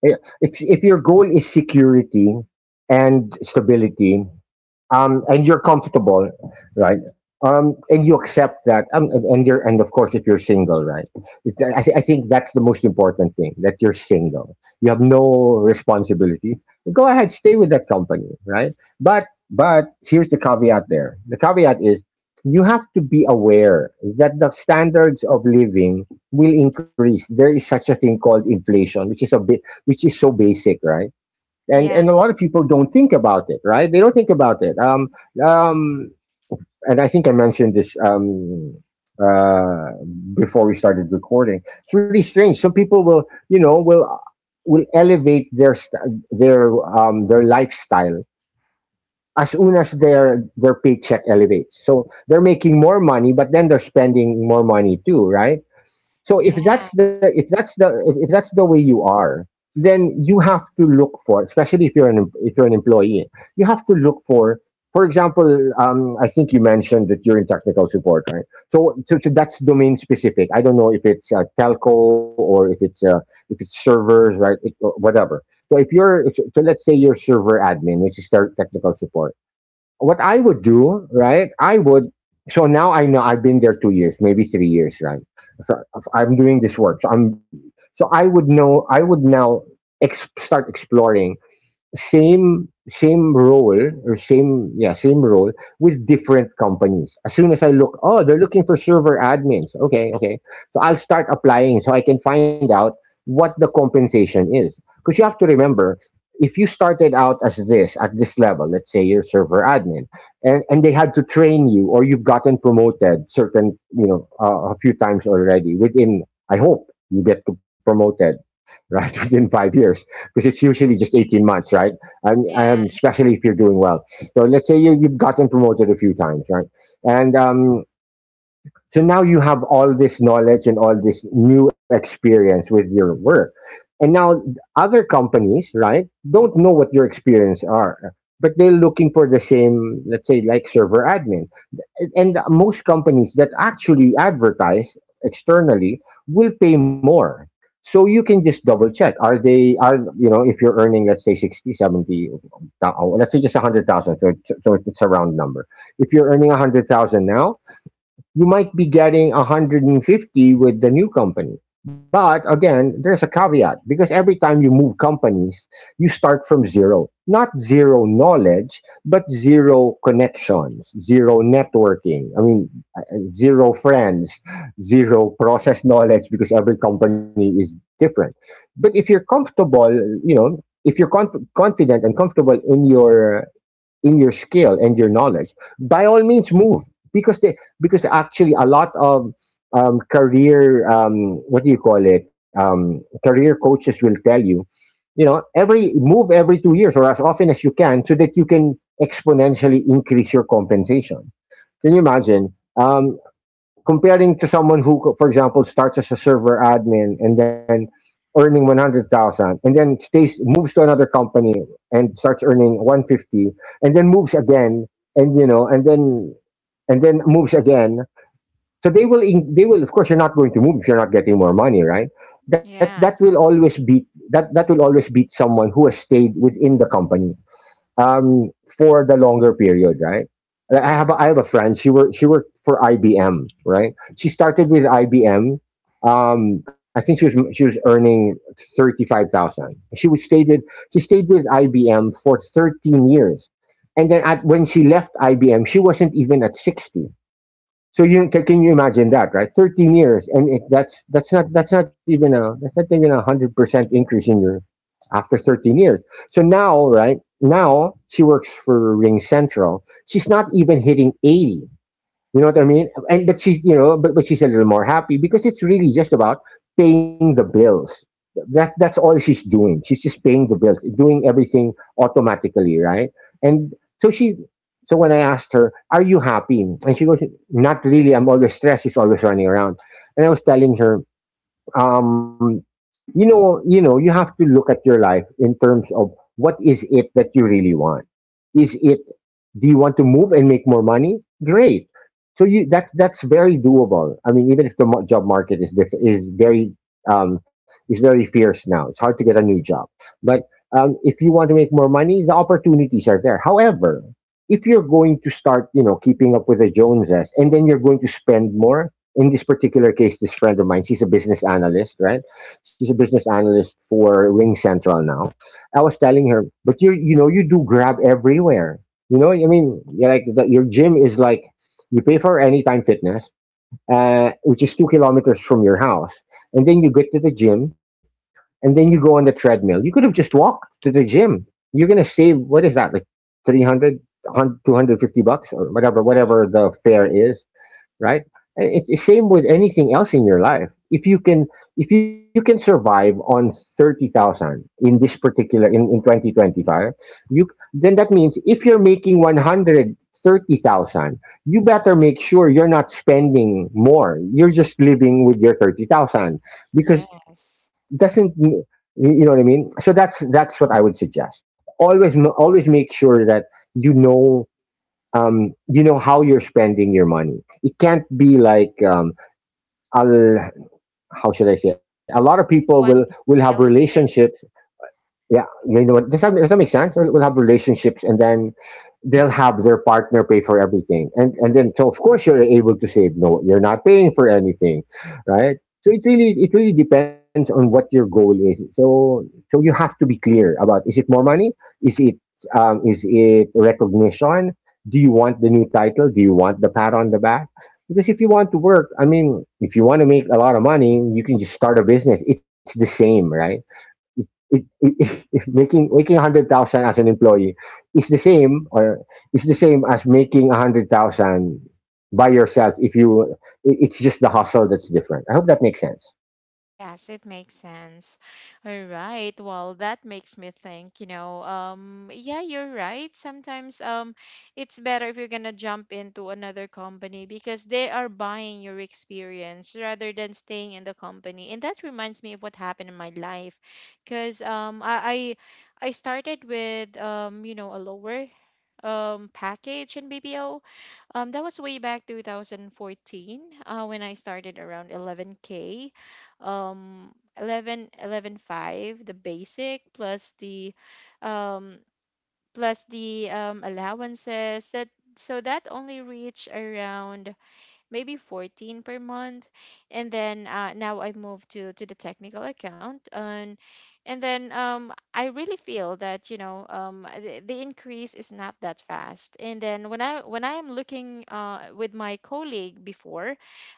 Eh, If if your goal is security and stability, um, and you're comfortable, right? Um, and you accept that, um, and and you're, and of course, if you're single, right? It, I, thi- I think that's the most important thing, that you're single. You have no responsibility. Go ahead, stay with that company, right? But but here's the caveat there. The caveat is you have to be aware that the standards of living will increase. There is such a thing called inflation, which is a bit, which is so basic, right? and
Yeah.
and a lot of people don't think about it, right, they don't think about it. um um and I think I mentioned this, um uh before we started recording. It's really strange, some people will, you know will will elevate their st- their um their lifestyle as soon as their their paycheck elevates, so they're making more money, but then they're spending more money too, right? So if
Yeah.
that's the if that's the if, if that's the way you are, then you have to look for, especially if you're an em- if you're an employee, you have to look for. For example, um, I think you mentioned that you're in technical support, right? So, so, so that's domain specific. I don't know if it's, uh, telco, or if it's uh, if it's servers, right? It, or whatever. So if you're if, so let's say you're server admin, which is tech- technical support. What I would do, right? I would. So now I know I've been there two years, maybe three years, right? So if I'm doing this work. So I'm. So I would know. I would now ex- start exploring same same role or same yeah same role with different companies. As soon as I look, oh, they're looking for server admins, okay, okay, so I'll start applying so I can find out what the compensation is. Because you have to remember, if you started out as this at this level, let's say you're server admin, and, and they had to train you, or you've gotten promoted certain you know uh, a few times already within. I hope you get to promoted, right? Within five years, because it's usually just eighteen months, right? And, and
Yeah.
especially if you're doing well. So let's say you, you've gotten promoted a few times, right? And um, so now you have all this knowledge and all this new experience with your work. And now other companies, right, don't know what your experience are, but they're looking for the same, let's say, like server admin. And and most companies that actually advertise externally will pay more. So you can just double check, are they are you know if you're earning, let's say, sixty, seventy, thou- let's say just one hundred thousand, so, it's- so it's a round number. If you're earning one hundred thousand now, you might be getting one hundred fifty with the new company. But again, there's a caveat, because every time you move companies, you start from zero. Not zero knowledge, but zero connections, zero networking. I mean, zero friends, zero process knowledge, because every company is different. But if you're comfortable, you know, if you're conf- confident and comfortable in your, in your skill and your knowledge, by all means move, because they because actually a lot of, um, career, um, what do you call it, um, career coaches will tell you, you know every move every two years, or as often as you can, so that you can exponentially increase your compensation. Can you imagine? Um, Comparing to someone who, for example, starts as a server admin and then earning one hundred thousand, and then stays moves to another company and starts earning one fifty, and then moves again and you know and then and then moves again. So they will, in, they will of course, you're not going to move if you're not getting more money, right? that that will
Yes.
always beat that that will always beat someone who has stayed within the company, um, for the longer period, right? Like, I
Yeah.
have a, I have a friend. She worked she worked for I B M, right? She started with I B M. Um, I think she was she was earning thirty five thousand. She was stayed with she stayed with I B M for thirteen years, and then at, when she left I B M, she wasn't even at sixty. So you can can you imagine that, right? Thirteen years, and it, that's that's not that's not even a that's not even a hundred percent increase in your, after thirteen years. So now, right now, she works for Ring Central. She's not even hitting eighty. You know what I mean? And, but she's you know, but, but she's a little more happy, because it's really just about paying the bills. That that's all she's doing. She's just paying the bills, doing everything automatically, right? And so she so when I asked her, "Are you happy?" And she goes, "Not really, I'm always stressed," she's always running around. And I was telling her, um, you know, you know, you have to look at your life in terms of what is it that you really want. Is it do you want to move and make more money? Great. So you that's that's very doable. I mean, even if the mo- job market is diff- is very um, is very fierce now, it's hard to get a new job. But, um, if you want to make more money, the opportunities are there. However, if you're going to start, you know, keeping up with the Joneses, and then you're going to spend more. In this particular case, this friend of mine, she's a business analyst, right? She's a business analyst for Ring Central now. I was telling her, but you you know you do grab everywhere. You know, I mean, you're like the, your gym is like, you pay for Anytime Fitness, uh, which is two kilometers from your house, and then you get to the gym, and then you go on the treadmill. You could have just walked to the gym. You're gonna save, what is that, like three hundred, two hundred fifty bucks, or whatever whatever
Mhm.
the fare is, right? And it's the same with anything else in your life. If you can, if you can survive on thirty thousand in this particular, in in twenty twenty five, you then that means if you're making one hundred thirty thousand, you better make sure you're not spending more. You're just living with your thirty thousand, because,
Yes.
doesn't you know what I mean? So that's that's what I would suggest. Always, m- always make sure that, you know um, you know how you're spending your money. It can't be like, um, I'll how should I say? A lot of people will
One
will
big
have relationships.
millionaire.
Yeah, you know what? Does that does that make sense? We'll we'll have relationships, and then they'll have their partner pay for everything, and and then, so of course you're able to save. No, you're not paying for anything, right? So it really it really depends on what your goal is. So, so you have to be clear about, is it more money? Is it, um, is it recognition? Do you want the new title? Do you want the pat on the back? Because if you want to work, I mean, if you want to make a lot of money, you can just start a business. It's the same, right? it it it If making making a one hundred thousand as an employee is the same, or is the same as making one hundred thousand by yourself, if you, it- it's just the hustle that's different. I hope that makes sense.
Yes, it makes sense. All right. Well, that makes me think, you know, um, yeah, you're right. Sometimes um it's better if you're gonna jump into another company, because they are buying your experience, rather than staying in the company. And that reminds me of what happened in my life, because um I I, I started with, um, you know, a lower um package in B P O. Um, that was way back twenty fourteen, uh, when I started around eleven k. Um, eleven, eleven point five, the basic plus the um, plus the um, allowances, that so that only reached around maybe fourteen per month. And then uh, now I moved to to the technical account, and and then um, I really feel that, you know, um, the, the increase is not that fast. And then when I when I am looking, uh, with my colleague before,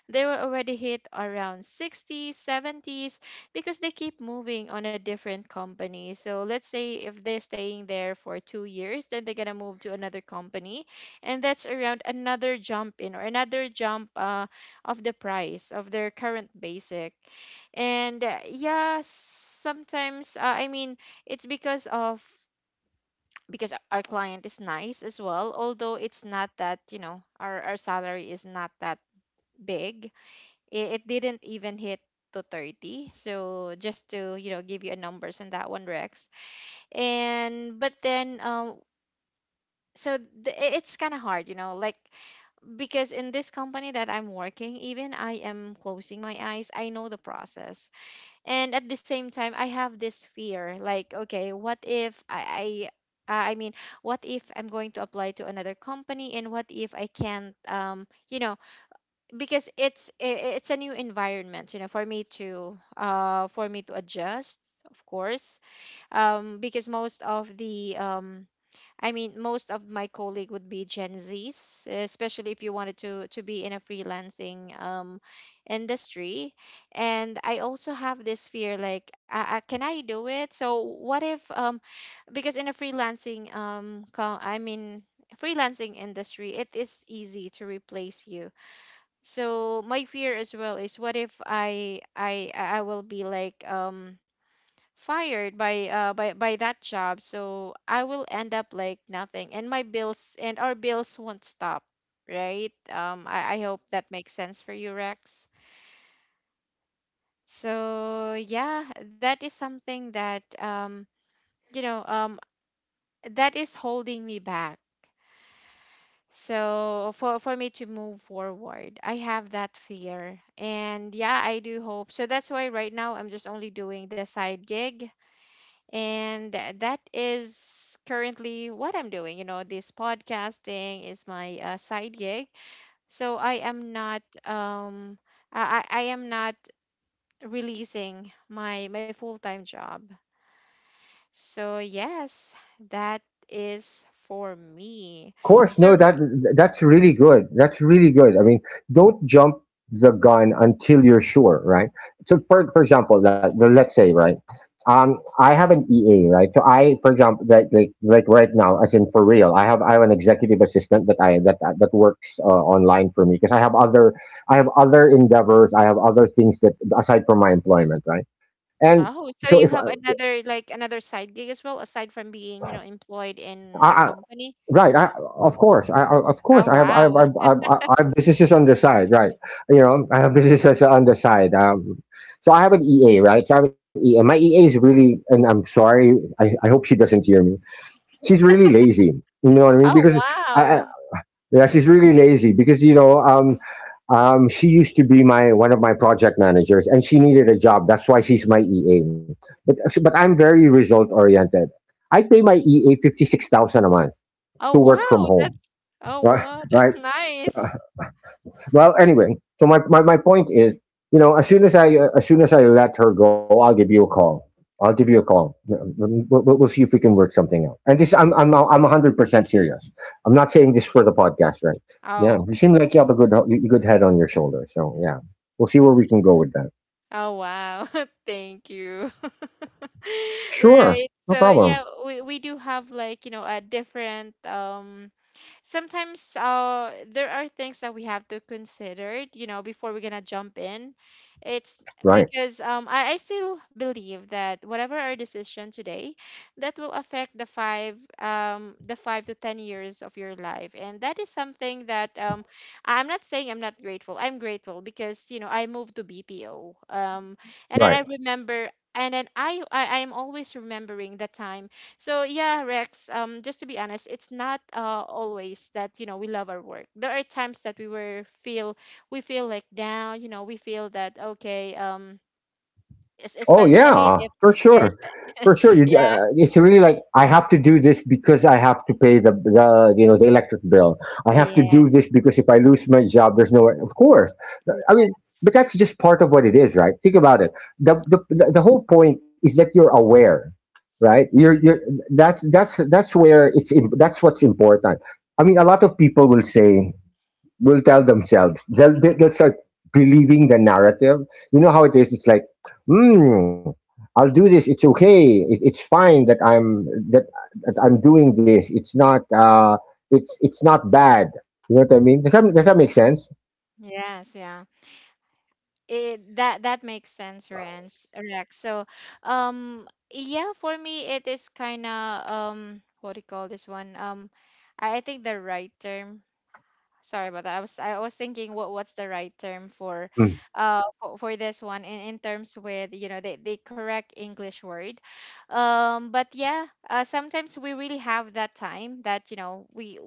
they were already hit around sixties, seventies, because they keep moving on a different company. So let's say if they're staying there for two years, then they're gonna move to another company, and that's around another jump in, or another jump, uh, of the price of their current basic. And uh, yeah, sometimes, uh, I mean, it's because of, because our client is nice as well. Although it's not that, you know, our, our salary is not that big, it, it didn't even hit to thirty, so just to, you know, give you a numbers on that one, Rex. And but then, um so the, it's kind of hard, you know, like, because in this company that I'm working, even I am closing my eyes, I know the process. And at the same time, I have this fear like, okay, what if I, I uh, I mean, what if I'm going to apply to another company, and what if I can't, um, you know, because it's i- it's a new environment, you know, for me to uh for me to adjust, of course, um, because most of the um I mean, most of my colleague would be Gen Zs, especially if you wanted to to be in a freelancing um, industry. And I also have this fear, like, I, I, can I do it? So what if um because in a freelancing um co- I mean, freelancing industry, it is easy to replace you. So my fear as well is, what if I I I will be like um fired by uh by by that job, so I will end up like nothing, and my bills and our bills won't stop, right? um i I hope that makes sense for you, Rex. So yeah, that is something that, um you know, um that is holding me back. So for for me to move forward, I have that fear. And yeah, I do hope so. That's why right now I'm just only doing the side gig. And uh, that is currently what I'm doing. You know, this podcasting is my, uh, side gig. So I am not, um I, I I am not releasing my my full-time job. So yes, that is for me.
Of course,
So
no,
r-
that that's really good. That's really good. I mean, don't jump the gun until you're sure, right? So, for for example, like, well, let's say, right, um, I have an E A, right? So I, for example, like like, like right now, as in for real, I have I have an executive assistant that I that that works uh, online for me, because I have other, I have other endeavors, I have other things that, aside from my employment, right? And
oh,
so,
so
if
you have
I,
another, like, another side gig as well, aside from being, you know, employed in a
I
company?
right, I, of course, I, I- of course,
Oh
I have, I have, I
wow.
have, I have, I have businesses on the side, right? You know, I have businesses on the side. Um, so I have an E A, right? So I have an E A. My E A is really, and I'm sorry, I, I hope she doesn't hear me. She's really lazy. You know what I mean?
Oh
Because, I, I
wow.
yeah, she's really lazy because, you know, um, um, she used to be my, one of my project managers, and she needed a job. That's why she's my E A. But, but I'm very result oriented. I pay my E A fifty six thousand a month
Oh,
to work from
wow.
home.
That's oh,
Right,
wow.
right.
That's nice.
Well, anyway, so my, my, my point is, you know, as soon as I uh, as soon as I let her go, I'll give you a call. i'll give you a call Yeah, um, we'll, we'll, we'll see if we can work something out. And this, i'm i'm i'm one hundred percent serious, I'm not saying this for the podcast, right? Yeah,
Oh,
you seem like you have a good, you, good head on your shoulder, so yeah, we'll see where we can go with that.
oh, wow. Thank you.
Sure.
Right.
No
So
problem.
yeah, we we do have like, you know, a different um sometimes uh there are things that we have to consider, you know, before we're gonna jump in. It's
Right,
Because um I, I still believe that whatever our decision today, that will affect the five um the five to ten years of your life, and that is something that um I'm not saying I'm not grateful. I'm grateful because, you know, I moved to BPO, um and then I
right.
remember. And then I, I I'm always remembering the time. So yeah, Rex, um just to be honest, it's not uh, always that, you know, we love our work. There are times that we were feel we feel like down, you know, we feel that okay, um es-
Oh
especially
yeah,
if
for
yes,
sure,
yeah. espe-
for sure. You,
Yeah.
uh, it's really like, I have to do this because I have to pay the the you know the electric bill. I have to
Yes.
do this because if I lose my job, there's nowhere. Of course, I mean, but that's just part of what it is, right? Think about it. the the The the whole point is that you're aware, right? You're you're that's that's that's where it's im- that's what's important. I mean, a lot of people will say, will tell themselves. They'll, they- they'll start believing the narrative. You know how it is. It's like, hmm, I'll do this. It's okay. It, it's fine that I'm, that, that I'm doing this. It's not. Uh, it's it's not bad. You know what I mean? Does that does that make sense?
Yes, yeah. It, that that makes sense, Rance, Rex. So, um yeah, for me it is kind of um what do you call this one? Um I I think the right term, sorry about that. I was I was thinking what what's the right term for
Mm,
uh for, for this one in, in terms with, you know, the, the correct English word. Um but yeah, uh, sometimes we really have that time that, you know, we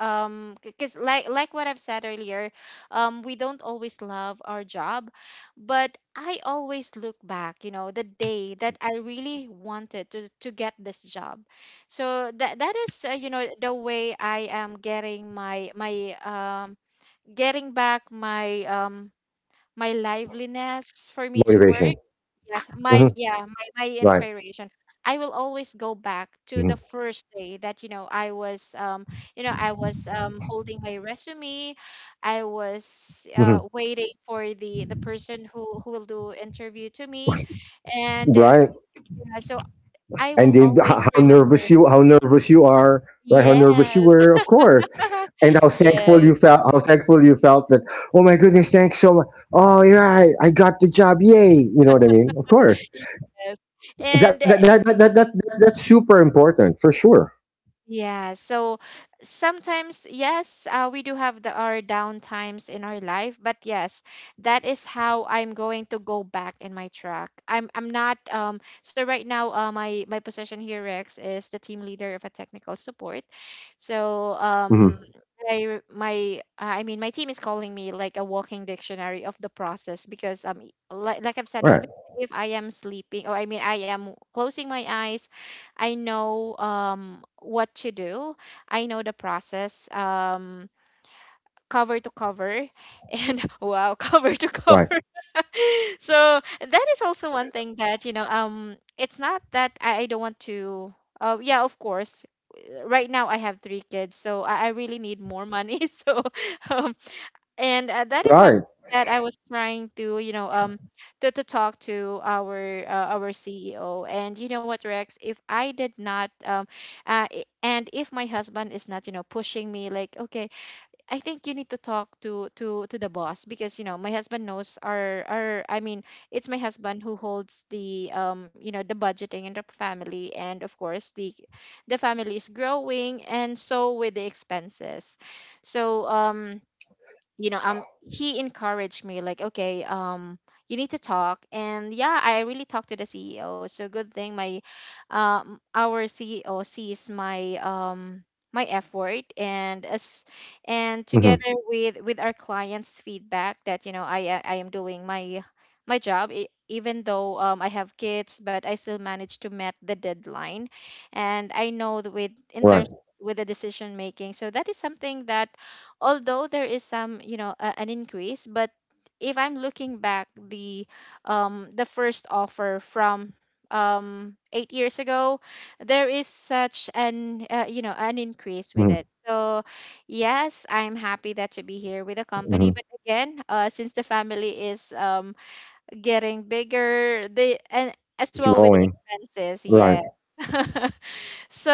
um because like like what I've said earlier, um we don't always love our job, but I always look back, you know, the day that I really wanted to to get this job. So that that is uh, you know, the way I am getting my my um getting back my um my liveliness for me to work.
motivation.
Yes, my
Hmm.
yeah, my, my
Right.
inspiration. I will always go back to the
Hmm.
first day that, you know, I was um you know, I was um holding my resume. I was uh
Hmm.
waiting for the the person who who will do interview to me. And uh,
Right.
yeah, so I will
And then, h-
always
how
remember.
nervous you how nervous you are. Right. How nervous you
Yes.
were. Of course. And how thankful
Yes.
you felt how thankful you felt that, oh my goodness, thanks so much, oh you're right, I got the job, yay, you know what I mean, of course.
Yes.
that
And
that that that, that, that that's super important, for sure.
yeah, so sometimes, yes, uh, we do have the our downtimes in our life, but yes, that is how I'm going to go back in my track. I'm I'm not um so right now, uh, my my position here, Rex, is the team leader of a technical support. So um
Hmm.
I my I mean my team is calling me like a walking dictionary of the process because um like like I've said, even if
Right.
I am sleeping, or I mean, I am closing my eyes, I know, um, what to do. I know the process, um, cover to cover, and wow, cover to cover.
Right.
So that is also one thing that, you know. Um, it's not that I, I don't want to. Uh, yeah, of course. uh, Right now I have three kids, so I, I really need more money. So um, and uh, that is something
Right.
that I was trying to, you know, um, to, to talk to our uh, our C E O. And you know what, Rex? If I did not, um, uh, i- and if my husband is not, you know, pushing me, like, okay, I think you need to talk to to to the boss. Because, you know, my husband knows our our. I mean, it's my husband who holds the um, you know, the budgeting in the family, and of course the the family is growing, and so with the expenses. So um you know, um he encouraged me like, okay, um you need to talk. And yeah, I really talked to the CEO. So good thing my um our CEO sees my um my effort, and as and together
Hmm.
with with our clients feedback, that you know, i i I am doing my my job. E- even though, um, I have kids, but I still managed to met the deadline. And I know that with, in terms
Right.
with the decision making. So that is something that, although there is some, you know, a, an increase. But if I'm looking back, the um the first offer from um eight years ago, there is such an uh, you know, an
Hmm.
increase with it. So yes, I'm happy that to be here
Hmm.
with the company. But again, uh, since the family is um getting bigger, they and
It's
as well
growing.
with the expenses,
Right.
yes. So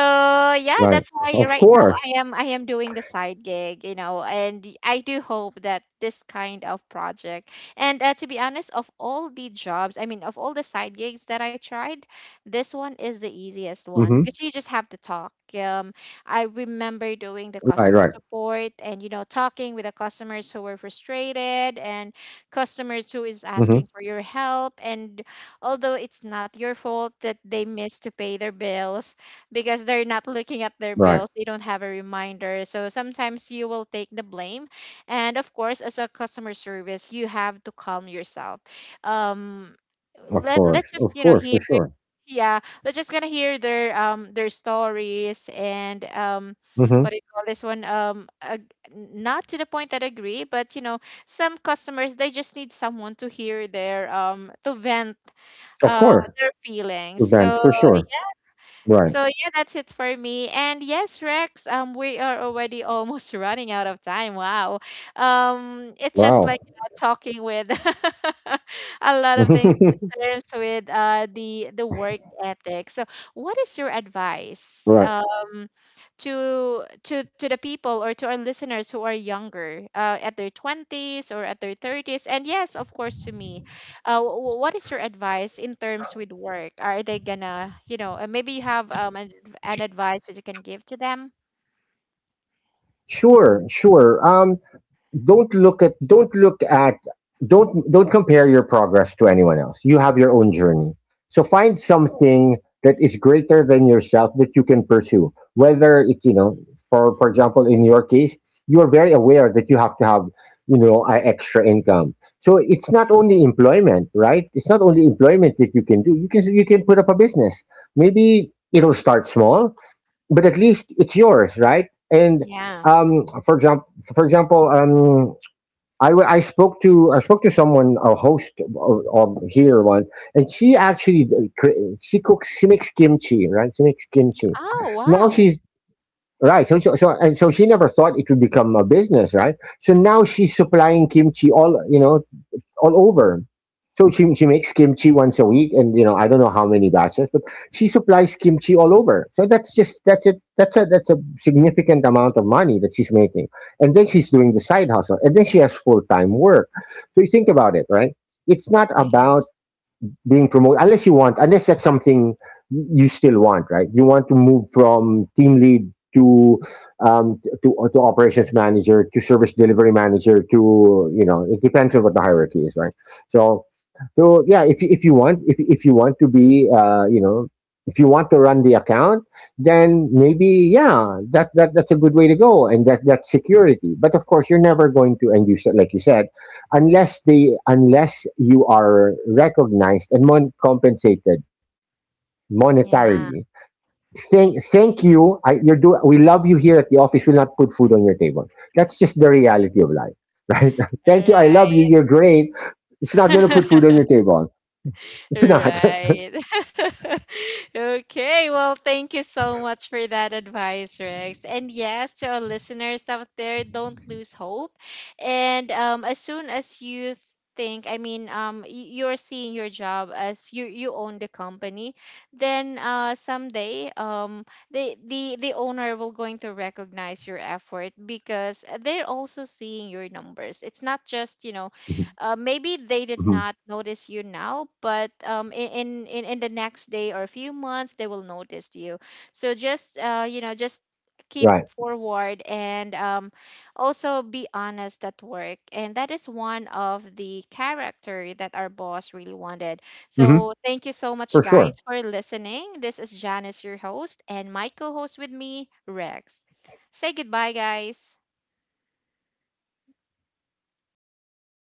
yeah,
Right.
that's why
Of
right now
course.
I am I am doing the side gig, you know, and y- I do hope that this kind of project. And uh, to be honest, of all the jobs, I mean, of all the side gigs that I tried, this one is the easiest one because you
Hmm.
just have to talk. Um, I remember doing the customer
Right. Right.
support and, you know, talking with the customers who were frustrated, and customers who is asking for
Hmm.
your help. And although it's not your fault that they missed to pay their bills, because they're not looking at their bills, they
Right.
don't have a reminder. So sometimes you will take the blame. And of course, as a customer service, you have to calm yourself. um let,
Of
let's
course.
just, you know,
Of
hear.
course. For sure.
Yeah, let's just gonna hear their um their stories. And um what do
Hmm.
you call this one? Um ag- not to the point that agree, but you know, some customers, they just need someone to hear their um to vent,
Of
uh,
course.
their feelings.
Event,
So
for sure. Right.
so yeah, that's it for me. And yes, Rex, um, we are already almost running out of time. Wow. Um, it's just
Wow.
like, you know, talking with a lot of things in terms with uh the the work ethic. So what is your
Right.
advice? Um, to to to the people or to our listeners who are younger, uh, at their twenties or at their thirties. And yes, of course, to me, uh, w- w- what is your advice in terms with work? Are they gonna, you know, uh, maybe you have, um, an, an advice that you can give to them?
Sure, sure. Um, don't look at don't look at don't don't compare your progress to anyone else. You have your own journey, so find something that is greater than yourself that you can pursue, whether it, you know for for example, in your case, you are very aware that you have to have, you know a extra income. So it's not only employment, right? It's not only employment that you can do. You can, you can put up a business. Maybe it'll start small, but at least it's yours, right? And,
Yeah.
um, for example, for example, um, I, w- I spoke to, I spoke to someone, a host of, of here, once. And she actually, d- cre- she cooks, she makes kimchi, right, she makes kimchi.
Oh
Now
wow.
she's Right. So, so so and so she never thought it would become a business, right. So now she's supplying kimchi, all, you know all over. So she, she makes kimchi once a week, and, you know, I don't know how many batches, but she supplies kimchi all over. So that's just that's it. That's a that's a significant amount of money that she's making, and then she's doing the side hustle, and then she has full time work. So you think about it, right? It's not
Yeah.
about being promoted, unless you want unless that's something you still want, right? You want to move from team lead to, um to, uh, to operations manager, to service delivery manager, to you know it depends on what the hierarchy is, right? So, so yeah, if, you- if you want if, if you want to be, uh you know if you want to run the account, then maybe, yeah, that, that that's a good way to go, and that that's security. But of course, you're never going to, and, you said like you said, unless they unless you are recognized and, mon- compensated
Yeah.
monetarily. Thank thank you, I, you're do we love you here at the office, we'll not put food on your table. That's just the reality of life, right. Thank you, I love you,
Right.
you're great. It's not going to put food on your table. It's not.
Right. Okay. Well, thank you so much for that advice, Rex. And yes, to our listeners out there, don't lose hope. And um, as soon as you think, I mean, um, y- you're seeing your job as you you own the company, then uh, someday um, the the the owner will going to recognize your effort, because they're also seeing your numbers. It's not just, you know, uh, maybe they did not notice you now,
Mhm.
but um, i- in, in in the next day or a few months, they will notice you. So just, uh, you know, just keep forward.
Right.
And um, also be honest at work, and that is one of the character that our boss really wanted.
Hmm.
So thank you so much
For
guys
sure.
for listening. This is Janice, your host, and my co-host with me, Rex. Say goodbye, guys.